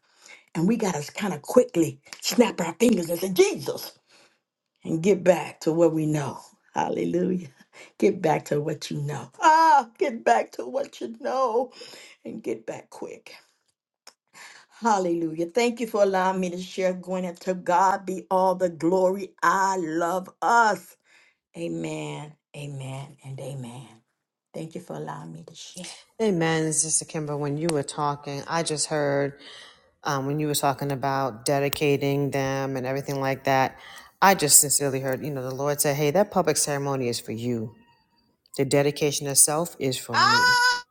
[SPEAKER 7] And we gotta kind of quickly snap our fingers and say, Jesus and get back to what we know. Hallelujah. Get back to what you know. Ah, get back to what you know and get back quick. Hallelujah. Thank you for allowing me to share, Gwen. To God be all the glory. I love us. Amen, amen, and amen. Thank you for allowing me to share.
[SPEAKER 1] Amen, Sister Kimber. When you were talking, I just heard. um, when you were talking about dedicating them and everything like that, I just sincerely heard, you know, the Lord said, hey, that public ceremony is for you. The dedication itself is for me.
[SPEAKER 7] Ah,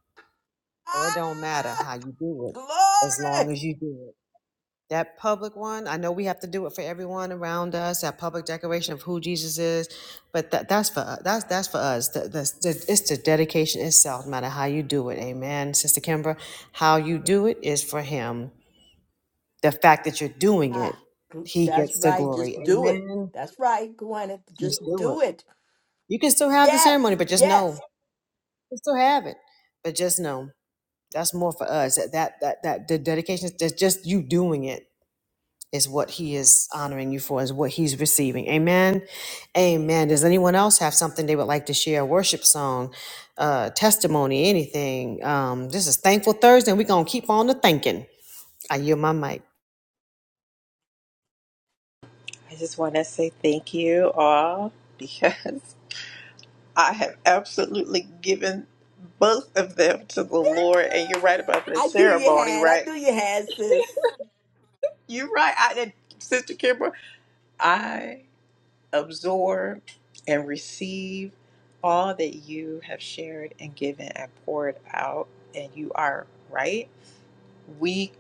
[SPEAKER 1] So it don't matter
[SPEAKER 7] ah
[SPEAKER 1] how you do it, as
[SPEAKER 7] glory.
[SPEAKER 1] long as you do it. That public one, I know we have to do it for everyone around us. That public declaration of who Jesus is, but that, that's for that's that's for us. The, the, the, it's the dedication itself, no matter how you do it. Amen, Sister Kimbra. How you do it is for Him the fact that you're doing it,
[SPEAKER 7] Ah, gl-
[SPEAKER 1] he
[SPEAKER 7] that's
[SPEAKER 1] gets the
[SPEAKER 7] right.
[SPEAKER 1] glory.
[SPEAKER 7] Just do it.
[SPEAKER 1] Amen.
[SPEAKER 7] That's right, Gwyneth. Just
[SPEAKER 1] Just do it.
[SPEAKER 7] do it.
[SPEAKER 1] You can still have the
[SPEAKER 7] Yes,
[SPEAKER 1] ceremony, but just know
[SPEAKER 7] yes.
[SPEAKER 1] you can still have it. But just know that's more for us. That that that, that the dedication is just just you doing it is what he is honoring you for, is what he's receiving. Amen. Amen. Does anyone else have something they would like to share? A worship song, uh, testimony, anything. Um, this is Thankful Thursday, and we're gonna keep on to thanking. I yield my mic.
[SPEAKER 6] I just want to say thank you all because I have absolutely given both of them to the Lord. And you're right about the
[SPEAKER 7] I knew you
[SPEAKER 6] ceremony,
[SPEAKER 7] had. I
[SPEAKER 6] right?
[SPEAKER 7] knew you had, sis.
[SPEAKER 6] You're right. I did, Sister Kimber. I absorb and receive all that you have shared and given and poured out. And you are right. we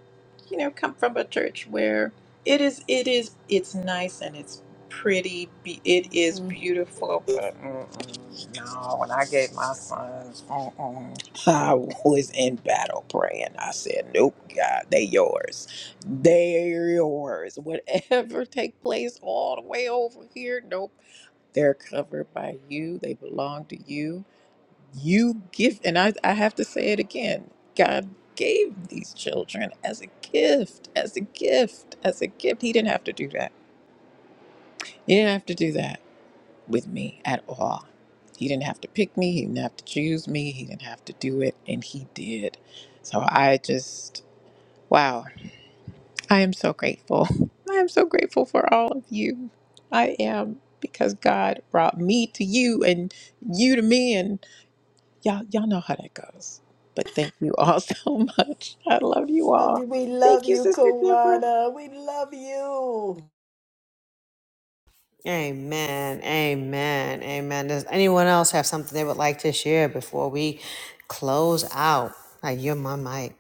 [SPEAKER 6] you know come from a church where it is it is it's nice and it's pretty be- it is
[SPEAKER 7] Mm.
[SPEAKER 6] beautiful but mm-mm, no when i gave my sons mm-mm, i was in battle praying i said nope god they yours they yours whatever take place all the way over here nope they're covered by you they belong to you you give and I, I have to say it again god gave these children as a gift as a gift as a gift he didn't have to do that he didn't have to do that with me at all he didn't have to pick me he didn't have to choose me he didn't have to do it and he did so i just wow i am so grateful i am so grateful for all of you i am because god brought me to you and you to me Y'all, y'all know how that goes. But thank you all so much. I love you
[SPEAKER 7] Love
[SPEAKER 6] all.
[SPEAKER 7] you. We love
[SPEAKER 6] Thank you,
[SPEAKER 7] you,
[SPEAKER 6] Sister Kimber.
[SPEAKER 7] Kawana. We love you.
[SPEAKER 1] Amen. Amen. Amen. Does anyone else have something they would like to share before we close out? I yield my mic.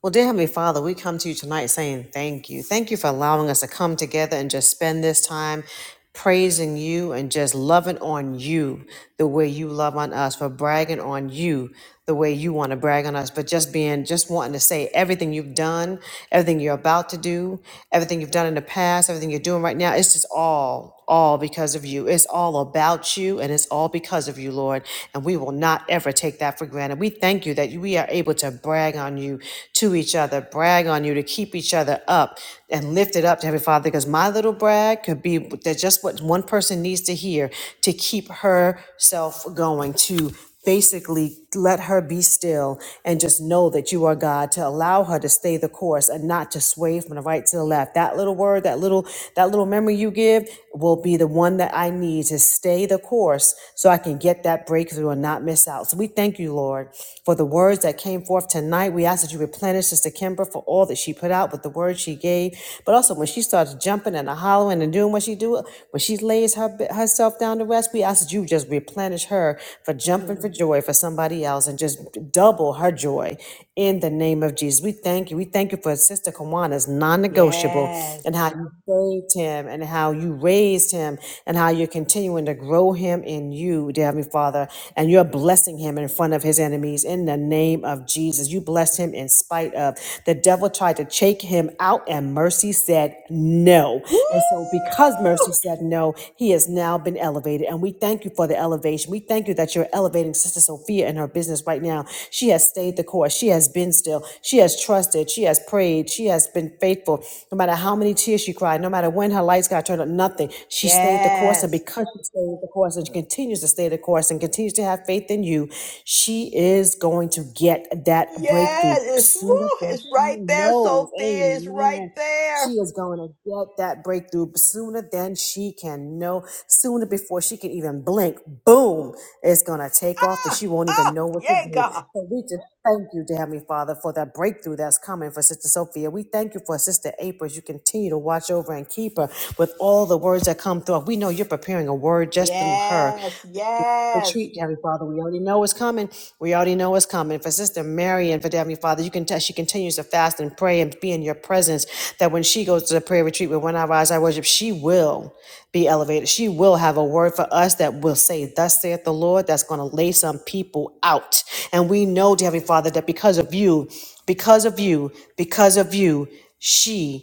[SPEAKER 1] Well, dear Heavenly Father, we come to you tonight saying thank you. Thank you for allowing us to come together and just spend this time praising you and just loving on you the way you love on us, for bragging on you the way you want to brag on us, but just being, just wanting to say everything you've done, everything you're about to do, everything you've done in the past, everything you're doing right now. It's just all, all because of you. It's all about you and it's all because of you of you, Lord, and we will not ever take that for granted. We thank you that we are able to brag on you to each other, brag on you to keep each other up and lift it up to Heavenly Father, because my little brag could be that just what one person needs to hear to keep herself going, to basically let her be still and just know that you are God, to allow her to stay the course and not to sway from the right to the left. That little word, that little, that little memory you give will be the one that I need to stay the course so I can get that breakthrough and not miss out. So we thank you, Lord, for the words that came forth tonight. We ask that you replenish Sister Kimber for all that she put out with the words she gave. But also when she starts jumping and hollering and doing what she do, when she lays her, herself down to rest, we ask that you that you just replenish her for jumping for joy for somebody else and just double her joy in the name of Jesus. We thank you. We thank you for Sister Kawana's non negotiable
[SPEAKER 7] Yes.
[SPEAKER 1] and how you saved him and how you raised him and how you're continuing to grow him in you, dear Heavenly Father. And you're blessing him in front of his enemies in the name of Jesus. You blessed him in spite of the devil tried to shake him out, and mercy said no.
[SPEAKER 7] Woo!
[SPEAKER 1] And so, because Mercy said no. He has now been elevated. And we thank you for the elevation. We thank you that you're elevating Sister Sophia in her business right now. She has stayed the course. She has been still. She has trusted. She has prayed. She has been faithful. No matter how many tears she cried, no matter when her lights got turned on, nothing. She stayed the course. And
[SPEAKER 7] Yes.
[SPEAKER 1] because she stayed the course and she continues to stay the course and continues to have faith in you, she is going to get that breakthrough
[SPEAKER 7] Yes. It's woo.
[SPEAKER 1] sooner than
[SPEAKER 7] It's
[SPEAKER 1] she
[SPEAKER 7] right there,
[SPEAKER 1] knows.
[SPEAKER 7] Sophia. It's right
[SPEAKER 1] Amen. She
[SPEAKER 7] there.
[SPEAKER 1] is going to get that breakthrough sooner than she can know, sooner before she can even blink. Boom! It's going to take off and
[SPEAKER 7] Ah,
[SPEAKER 1] she won't even
[SPEAKER 7] ah,
[SPEAKER 1] know what to
[SPEAKER 7] yeah,
[SPEAKER 1] do.
[SPEAKER 7] God.
[SPEAKER 1] So we just thank you, dear Heavenly Father, for that breakthrough that's coming for Sister Sophia. We thank you for Sister April as you continue to watch over and keep her with all the words that come through. We know you're preparing a word just through her
[SPEAKER 7] Yes. Yes.
[SPEAKER 1] retreat, Heavenly Father. We already know what's coming. We already know what's coming. For Sister Mary and for Heavenly Father, you can tell she continues to fast and pray and be in your presence. That when she goes to the prayer retreat with When I Rise, I Worship, she will be elevated. She will have a word for us that will say, Thus saith the Lord, that's going to lay some people out. And we know, dear Heavenly Father, that because of you, because of you, because of you, she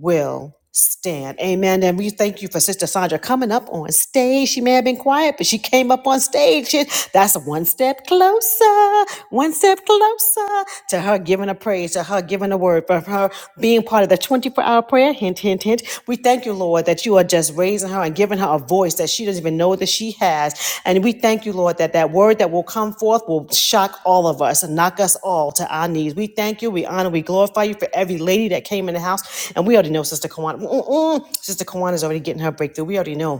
[SPEAKER 1] will stand. Amen. And we thank you for Sister Sandra coming up on stage. She may have been quiet, but she came up on stage. She- That's one step closer, one step closer to her giving a praise, to her giving a word, for her being part of the 24 hour prayer. Hint, hint, hint. We thank you, Lord. Lord, that you are just raising her and giving her a voice that she doesn't even know that she has. And we thank you, Lord, that that word that will come forth will shock all of us and knock us all to our knees. We thank you, we honor, we glorify you for every lady that came in the house. And we already know Sister Kawana. Mm-mm-mm. Sister Kawana's already getting her breakthrough. We already know.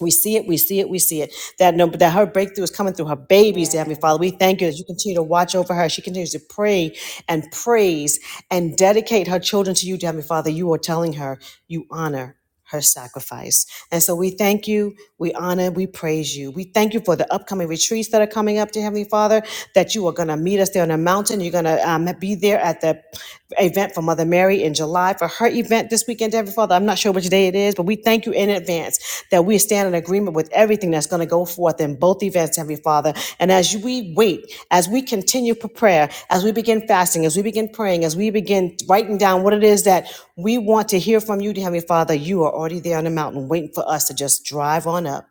[SPEAKER 1] We see it, we see it, we see it. That no, that her breakthrough is coming through her babies, dear Heavenly
[SPEAKER 7] Yes.
[SPEAKER 1] Father. We thank you that you continue to watch over her. She continues to pray and praise and dedicate her children to you, dear Heavenly Father. You are telling her you honor her sacrifice. And so we thank you we honor, we praise you. We thank you for the upcoming retreats that are coming up, dear Heavenly Father, that you are going to meet us there on the mountain. You're going to um, be there at the event for Mother Mary in July for her event this weekend, dear Heavenly Father. I'm not sure which day it is, but we thank you in advance that we stand in agreement agreement with everything that's going to go forth in both events, Heavenly Father. And as we wait, as we continue for prayer, as we begin fasting, as we begin praying, as we begin writing down what it is that we want to hear from you, Heavenly Father, you are already there on the mountain waiting for us to just drive on up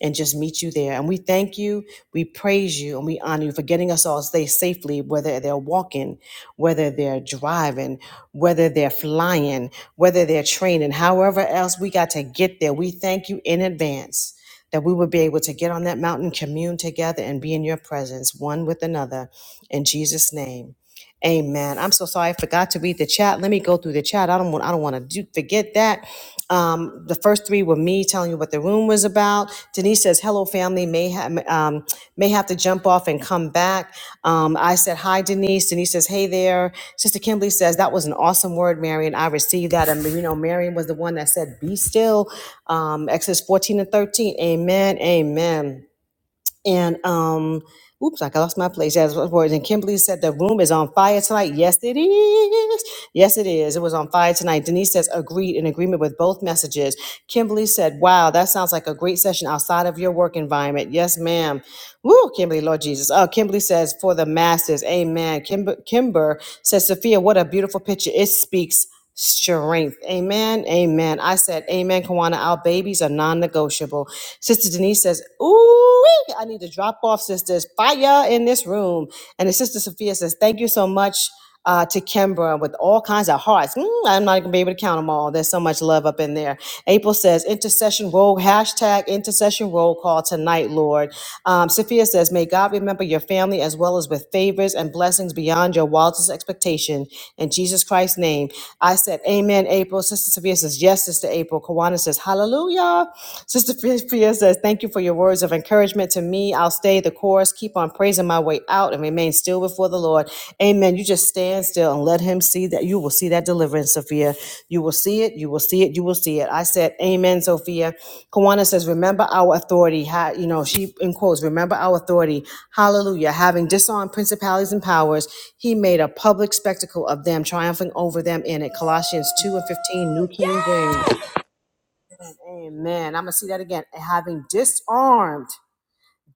[SPEAKER 1] and just meet you there. And we thank you, we praise you, and we honor you for getting us all stay safely, whether they're walking, whether they're driving, whether they're flying, whether they're training, however else we got to get there. We thank you in advance that we will be able to get on that mountain, commune together, and be in your presence, one with another. In Jesus' name. Amen. I'm so sorry I forgot to read the chat. Let me go through the chat. I don't want I don't want to do, forget that. Um, the first three were me telling you what the room was about. Denise says, "Hello, family. May have um, may have to jump off and come back." Um, I said, "Hi, Denise." Denise says, "Hey there." Sister Kimberly says, "That was an awesome word, Marion. I received that." And you know, Marion was the one that said, "Be still." Um, Exodus fourteen and thirteen. Amen. Amen. And um, oops, I lost my place. As words and Kimberly said, the room is on fire tonight. Yes, it is. Yes, it is. It was on fire tonight. Denise says, agreed in agreement with both messages. Kimberly said, wow, that sounds like a great session outside of your work environment. Yes, ma'am. Woo, Kimberly, Lord Jesus. Oh, Kimberly says, for the masses. Amen. Kimber, Kimber says, Sophia, what a beautiful picture. It speaks strength. Amen. Amen. I said, Amen, Kawana. Our babies are non negotiable. Sister Denise says, Ooh, I need to drop off sisters. Fire in this room. And his sister Sophia says, Thank you so much uh, to Kimbra with all kinds of hearts. Mm, I'm not going to be able to count them all. There's so much love up in there. April says, Intercession roll, hashtag intercession roll call tonight, Lord. Um, Sophia says, May God remember your family as well as with favors and blessings beyond your wildest expectation. In Jesus Christ's name. I said, Amen, April. Sister Sophia says, Yes, Sister April. Kawana says, Hallelujah. Sister Sophia says, Thank you for your Words of encouragement to me. I'll stay the course, keep on praising my way out, and remain still before the Lord. Amen. You just stand still and let Him see that. You will see that deliverance, Sophia. You will see it. You will see it. You will see it. I said, Amen, Sophia. Kawana says, Remember our authority. Ha- you know, she in quotes, Remember our authority. Hallelujah. Having disarmed principalities and powers, He made a public spectacle of them, triumphing over them in it. Colossians 2 and 15, New King James.
[SPEAKER 7] Yes.
[SPEAKER 1] Amen. I'm going to see that again. Having disarmed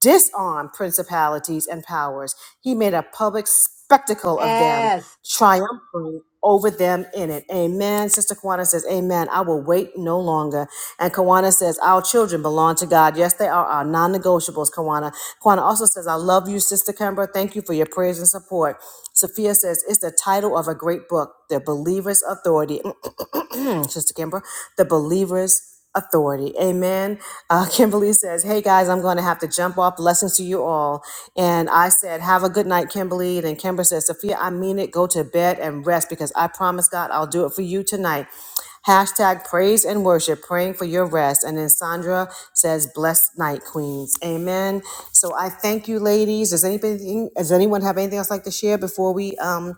[SPEAKER 1] disarmed principalities and powers. He made a public spectacle of them,
[SPEAKER 7] Yes.
[SPEAKER 1] triumphing over them in it. Amen. Sister Kawana says, Amen. I will wait no longer. And Kawana says, Our children belong to God. Yes, they are our non negotiables, Kawana. Kawana also says, I love you, Sister Kemba. Thank you for your prayers and support. Sophia says, It's the title of a great book, The Believer's Authority. Sister Kimber, The Believer's authority. Amen. Uh, Kimberly says, Hey guys, I'm going to have to jump off. Blessings to you all. And I said, Have a good night, Kimberly. Then Kimber says, Sophia, I mean it. Go to bed and rest because I promise God I'll do it for you tonight. Hashtag praise and worship, praying for your rest. And then Sandra says, Blessed night, Queens. Amen. So I thank you, ladies. Does anybody does anyone have anything else like to share before we um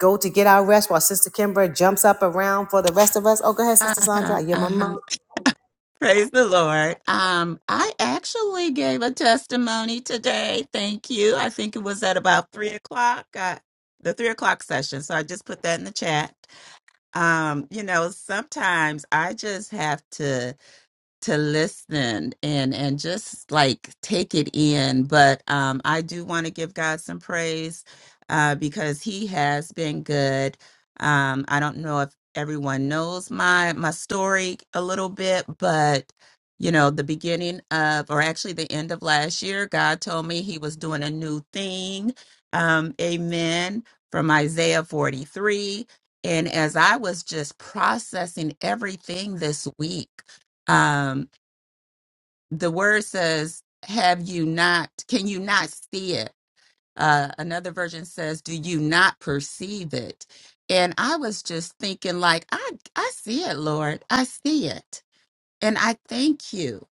[SPEAKER 1] go to get our rest while Sister Kimber jumps up around for the rest of us? Oh, go ahead, Sister Sandra.
[SPEAKER 8] Uh-huh.
[SPEAKER 1] I hear my
[SPEAKER 8] Uh-huh.
[SPEAKER 1] mom.
[SPEAKER 8] Praise the Lord. Um, I actually gave a testimony today. Thank you. I think it was at about three o'clock. Uh, the three o'clock session. So I just put that in the chat. Um, you know, sometimes I just have to to listen and and just like take it in but um i do want to give god some praise uh because he has been good um i don't know if everyone knows my my story a little bit but you know the beginning of or actually the end of last year god told me he was doing a new thing um amen from isaiah 43 and as i was just processing everything this week um, the word says, Have you not, can you not see it? Uh, another version says, Do you not perceive it? And I was just thinking, like, I, I see it, Lord. I see it. And I thank you.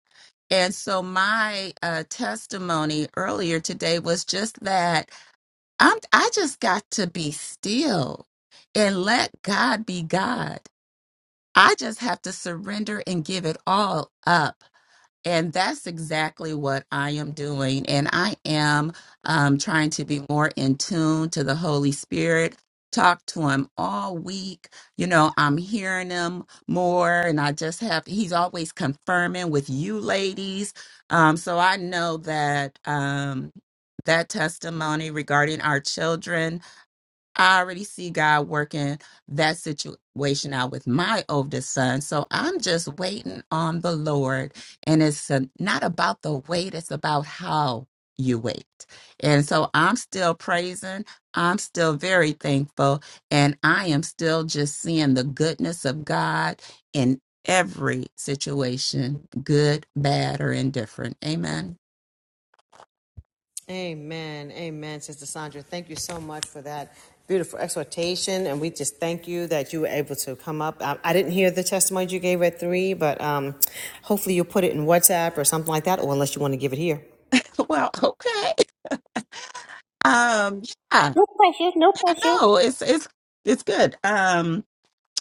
[SPEAKER 8] And so my uh, testimony earlier today was just that I'm, I just got to be still and let God be God. I just have to surrender and give it all up and that's exactly what I am doing. And I am um, trying to be more in tune to the Holy Spirit, talk to Him all week. You know, I'm hearing Him more, and I just have, He's always confirming with you ladies. Um, so I know that um, that testimony regarding our children I already see God working that situation out with my oldest son. So I'm just waiting on the Lord. And it's uh, not about the wait, it's about how you wait. And so I'm still praising. I'm still very thankful. And I am still just seeing the goodness of God in every situation, good, bad, or indifferent. Amen.
[SPEAKER 1] Amen. Amen, Sister Sandra. Thank you so much for that beautiful exhortation. And we just thank you that you were able to come up. I, I didn't hear the testimony you gave at three, but um, hopefully you'll put it in WhatsApp or something like that, or unless you want to give it here.
[SPEAKER 8] Well, okay. Um, yeah, yeah, no, it's it's it's good. Um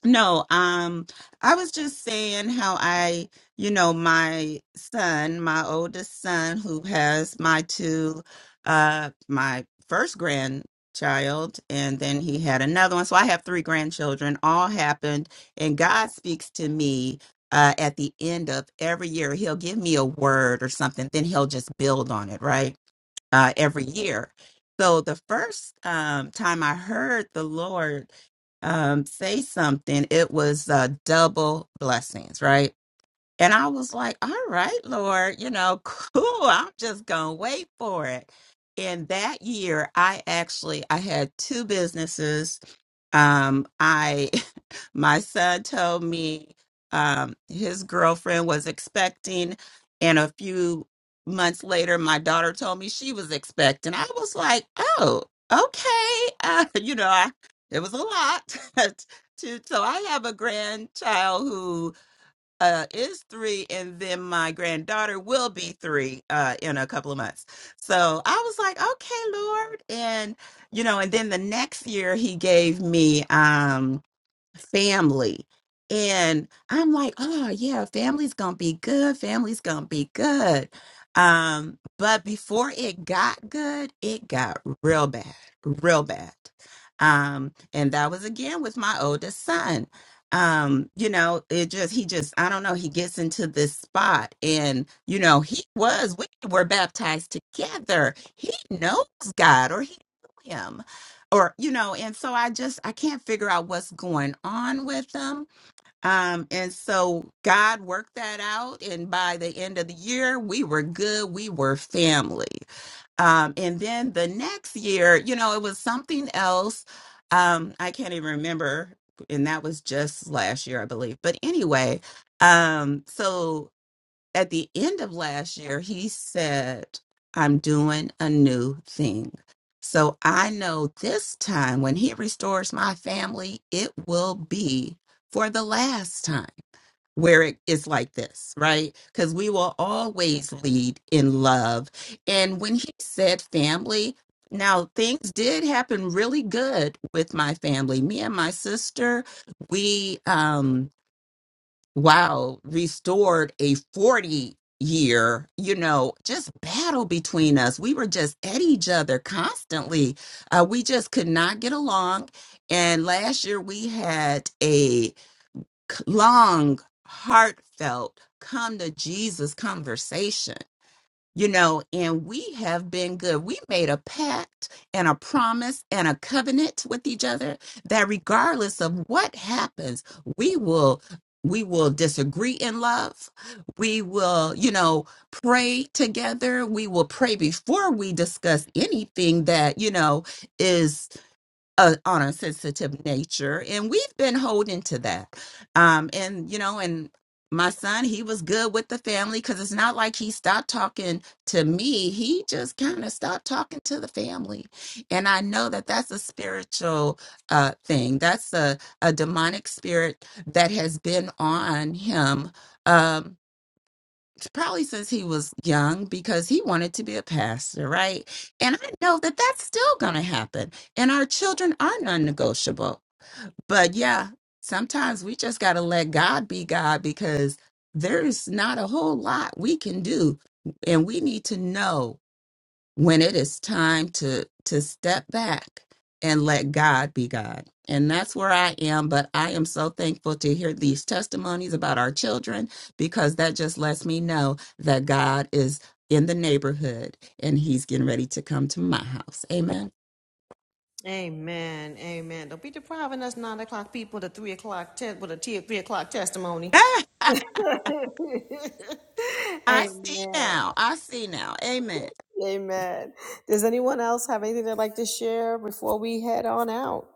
[SPEAKER 8] No, um, I was just saying how I, you know, my son, my oldest son, who has my two, uh, my first grandchild, and then he had another one. So I have three grandchildren, all happened, and God speaks to me. Uh, at the end of every year, he'll give me a word or something, then he'll just build on it, right? uh, every year. So the first um, time I heard the Lord um, say something, it was uh, double blessings, right? And I was like, all right, Lord, you know, cool. I'm just going to wait for it. And that year, I actually I had two businesses. Um, I my son told me um, his girlfriend was expecting, and a few months later, my daughter told me she was expecting. I was like, oh, okay, uh, you know, I, it was a lot. to, so I have a grandchild uh, is three, and then my granddaughter will be three uh, in a couple of months. So I was like, okay, Lord, and you know, and then the next year he gave me. Um, family. And I'm like, oh yeah, family's gonna be good. Family's gonna be good. Um, but before it got good, it got real bad, real bad. Um, and that was again with my oldest son. Um, you know, it just he just I don't know, he gets into this spot and you know, he was we were baptized together. He knows God or he knew him or you know and so i just i can't figure out what's going on with them um and so god worked that out and by the end of the year we were good we were family um and then the next year you know it was something else um i can't even remember and that was just last year i believe but anyway um so at the end of last year, he said, I'm doing a new thing. So I know this time when he restores my family, it will be for the last time where it is like this, right? Because we will always lead in love. And when he said family, now things did happen really good with my family. Me and my sister, we, um, wow, restored a 40 year, you know, just battle between us. We were just at each other constantly. Uh, we just could not get along. And last year we had a c- long, heartfelt come to Jesus conversation you know, and we have been good. We made a pact and a promise and a covenant with each other that regardless of what happens, we will we will disagree in love. We will, you know, pray together. We will pray before we discuss anything that, you know, is uh, on a honor sensitive nature and we've been holding to that um and you know and my son he was good with the family because it's not like he stopped talking to me he just kind of stopped talking to the family and i know that that's a spiritual uh thing that's a, a demonic spirit that has been on him um s- probably since he was young because he wanted to be a pastor, right? And I know that that's still going to happen. And our children are non negotiable. But yeah, sometimes we just got to let God be God because there's not a whole lot we can do. And we need to know when it is time to to step back and let God be God. And that's where I am, but I am so thankful to hear these testimonies about our children because that just lets me know that God is in the neighborhood and he's getting ready to come to my house. Amen.
[SPEAKER 1] Amen. Amen. Don't be depriving us nine o'clock people to three o'clock te- with a t- three o'clock testimony.
[SPEAKER 8] I see
[SPEAKER 1] Amen.
[SPEAKER 8] now. I see now. Amen.
[SPEAKER 1] Amen. Does anyone else have anything they'd like to share before we head on out?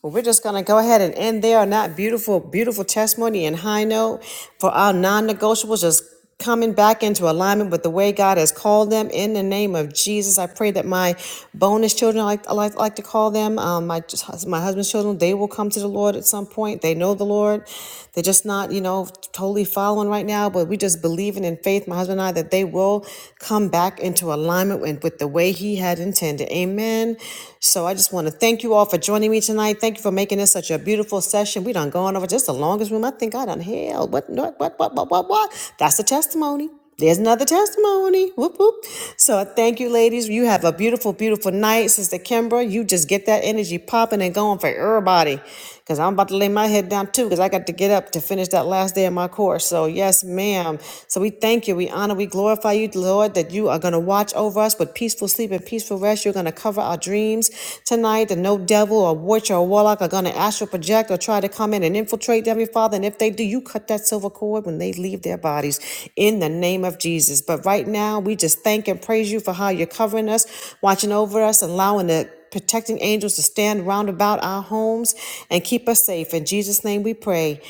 [SPEAKER 1] Well, we're just going to go ahead and end there on that beautiful, beautiful testimony and high note for our non negotiables just coming back into alignment with the way God has called them in the name of Jesus. I pray that my bonus children, I like, I like, like to call them, um, my, my husband's children, they will come to the Lord at some point. They know the Lord. They're just not, you know, totally following right now, but we just believing in in faith, my husband and I, that they will come back into alignment with, with the way He had intended. Amen. So I just want to thank you all for joining me tonight. Thank you for making this such a beautiful session. We done gone over just the longest room I think I done held. What, what, what, what, what, what, what? That's a testimony. There's another testimony. Whoop, whoop. So thank you, ladies. You have a beautiful, beautiful night. Sister Kimbra, you just get that energy popping and going for everybody because I'm about to lay my head down too, because I got to get up to finish that last day of my course. So, yes, ma'am. So, we thank you, we honor, we glorify you, Lord, that you are going to watch over us with peaceful sleep and peaceful rest. You're going to cover our dreams tonight, that no devil or witch or warlock are going to astral project or try to come in and infiltrate them, Father. And if they do, you cut that silver cord when they leave their bodies in the name of Jesus. But right now, we just thank and praise you for how you're covering us, watching over us, allowing the protecting angels to stand round about our homes and keep us safe. In Jesus' name we pray.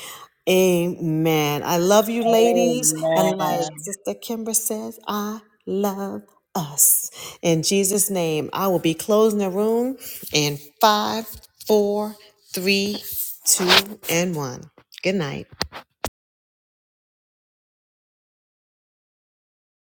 [SPEAKER 1] Amen. I love you, ladies. And
[SPEAKER 4] Amen.
[SPEAKER 1] like Sister Kimber says, I love us. In Jesus' name, I will be closing the room in five, four, three, two, and one. Good night.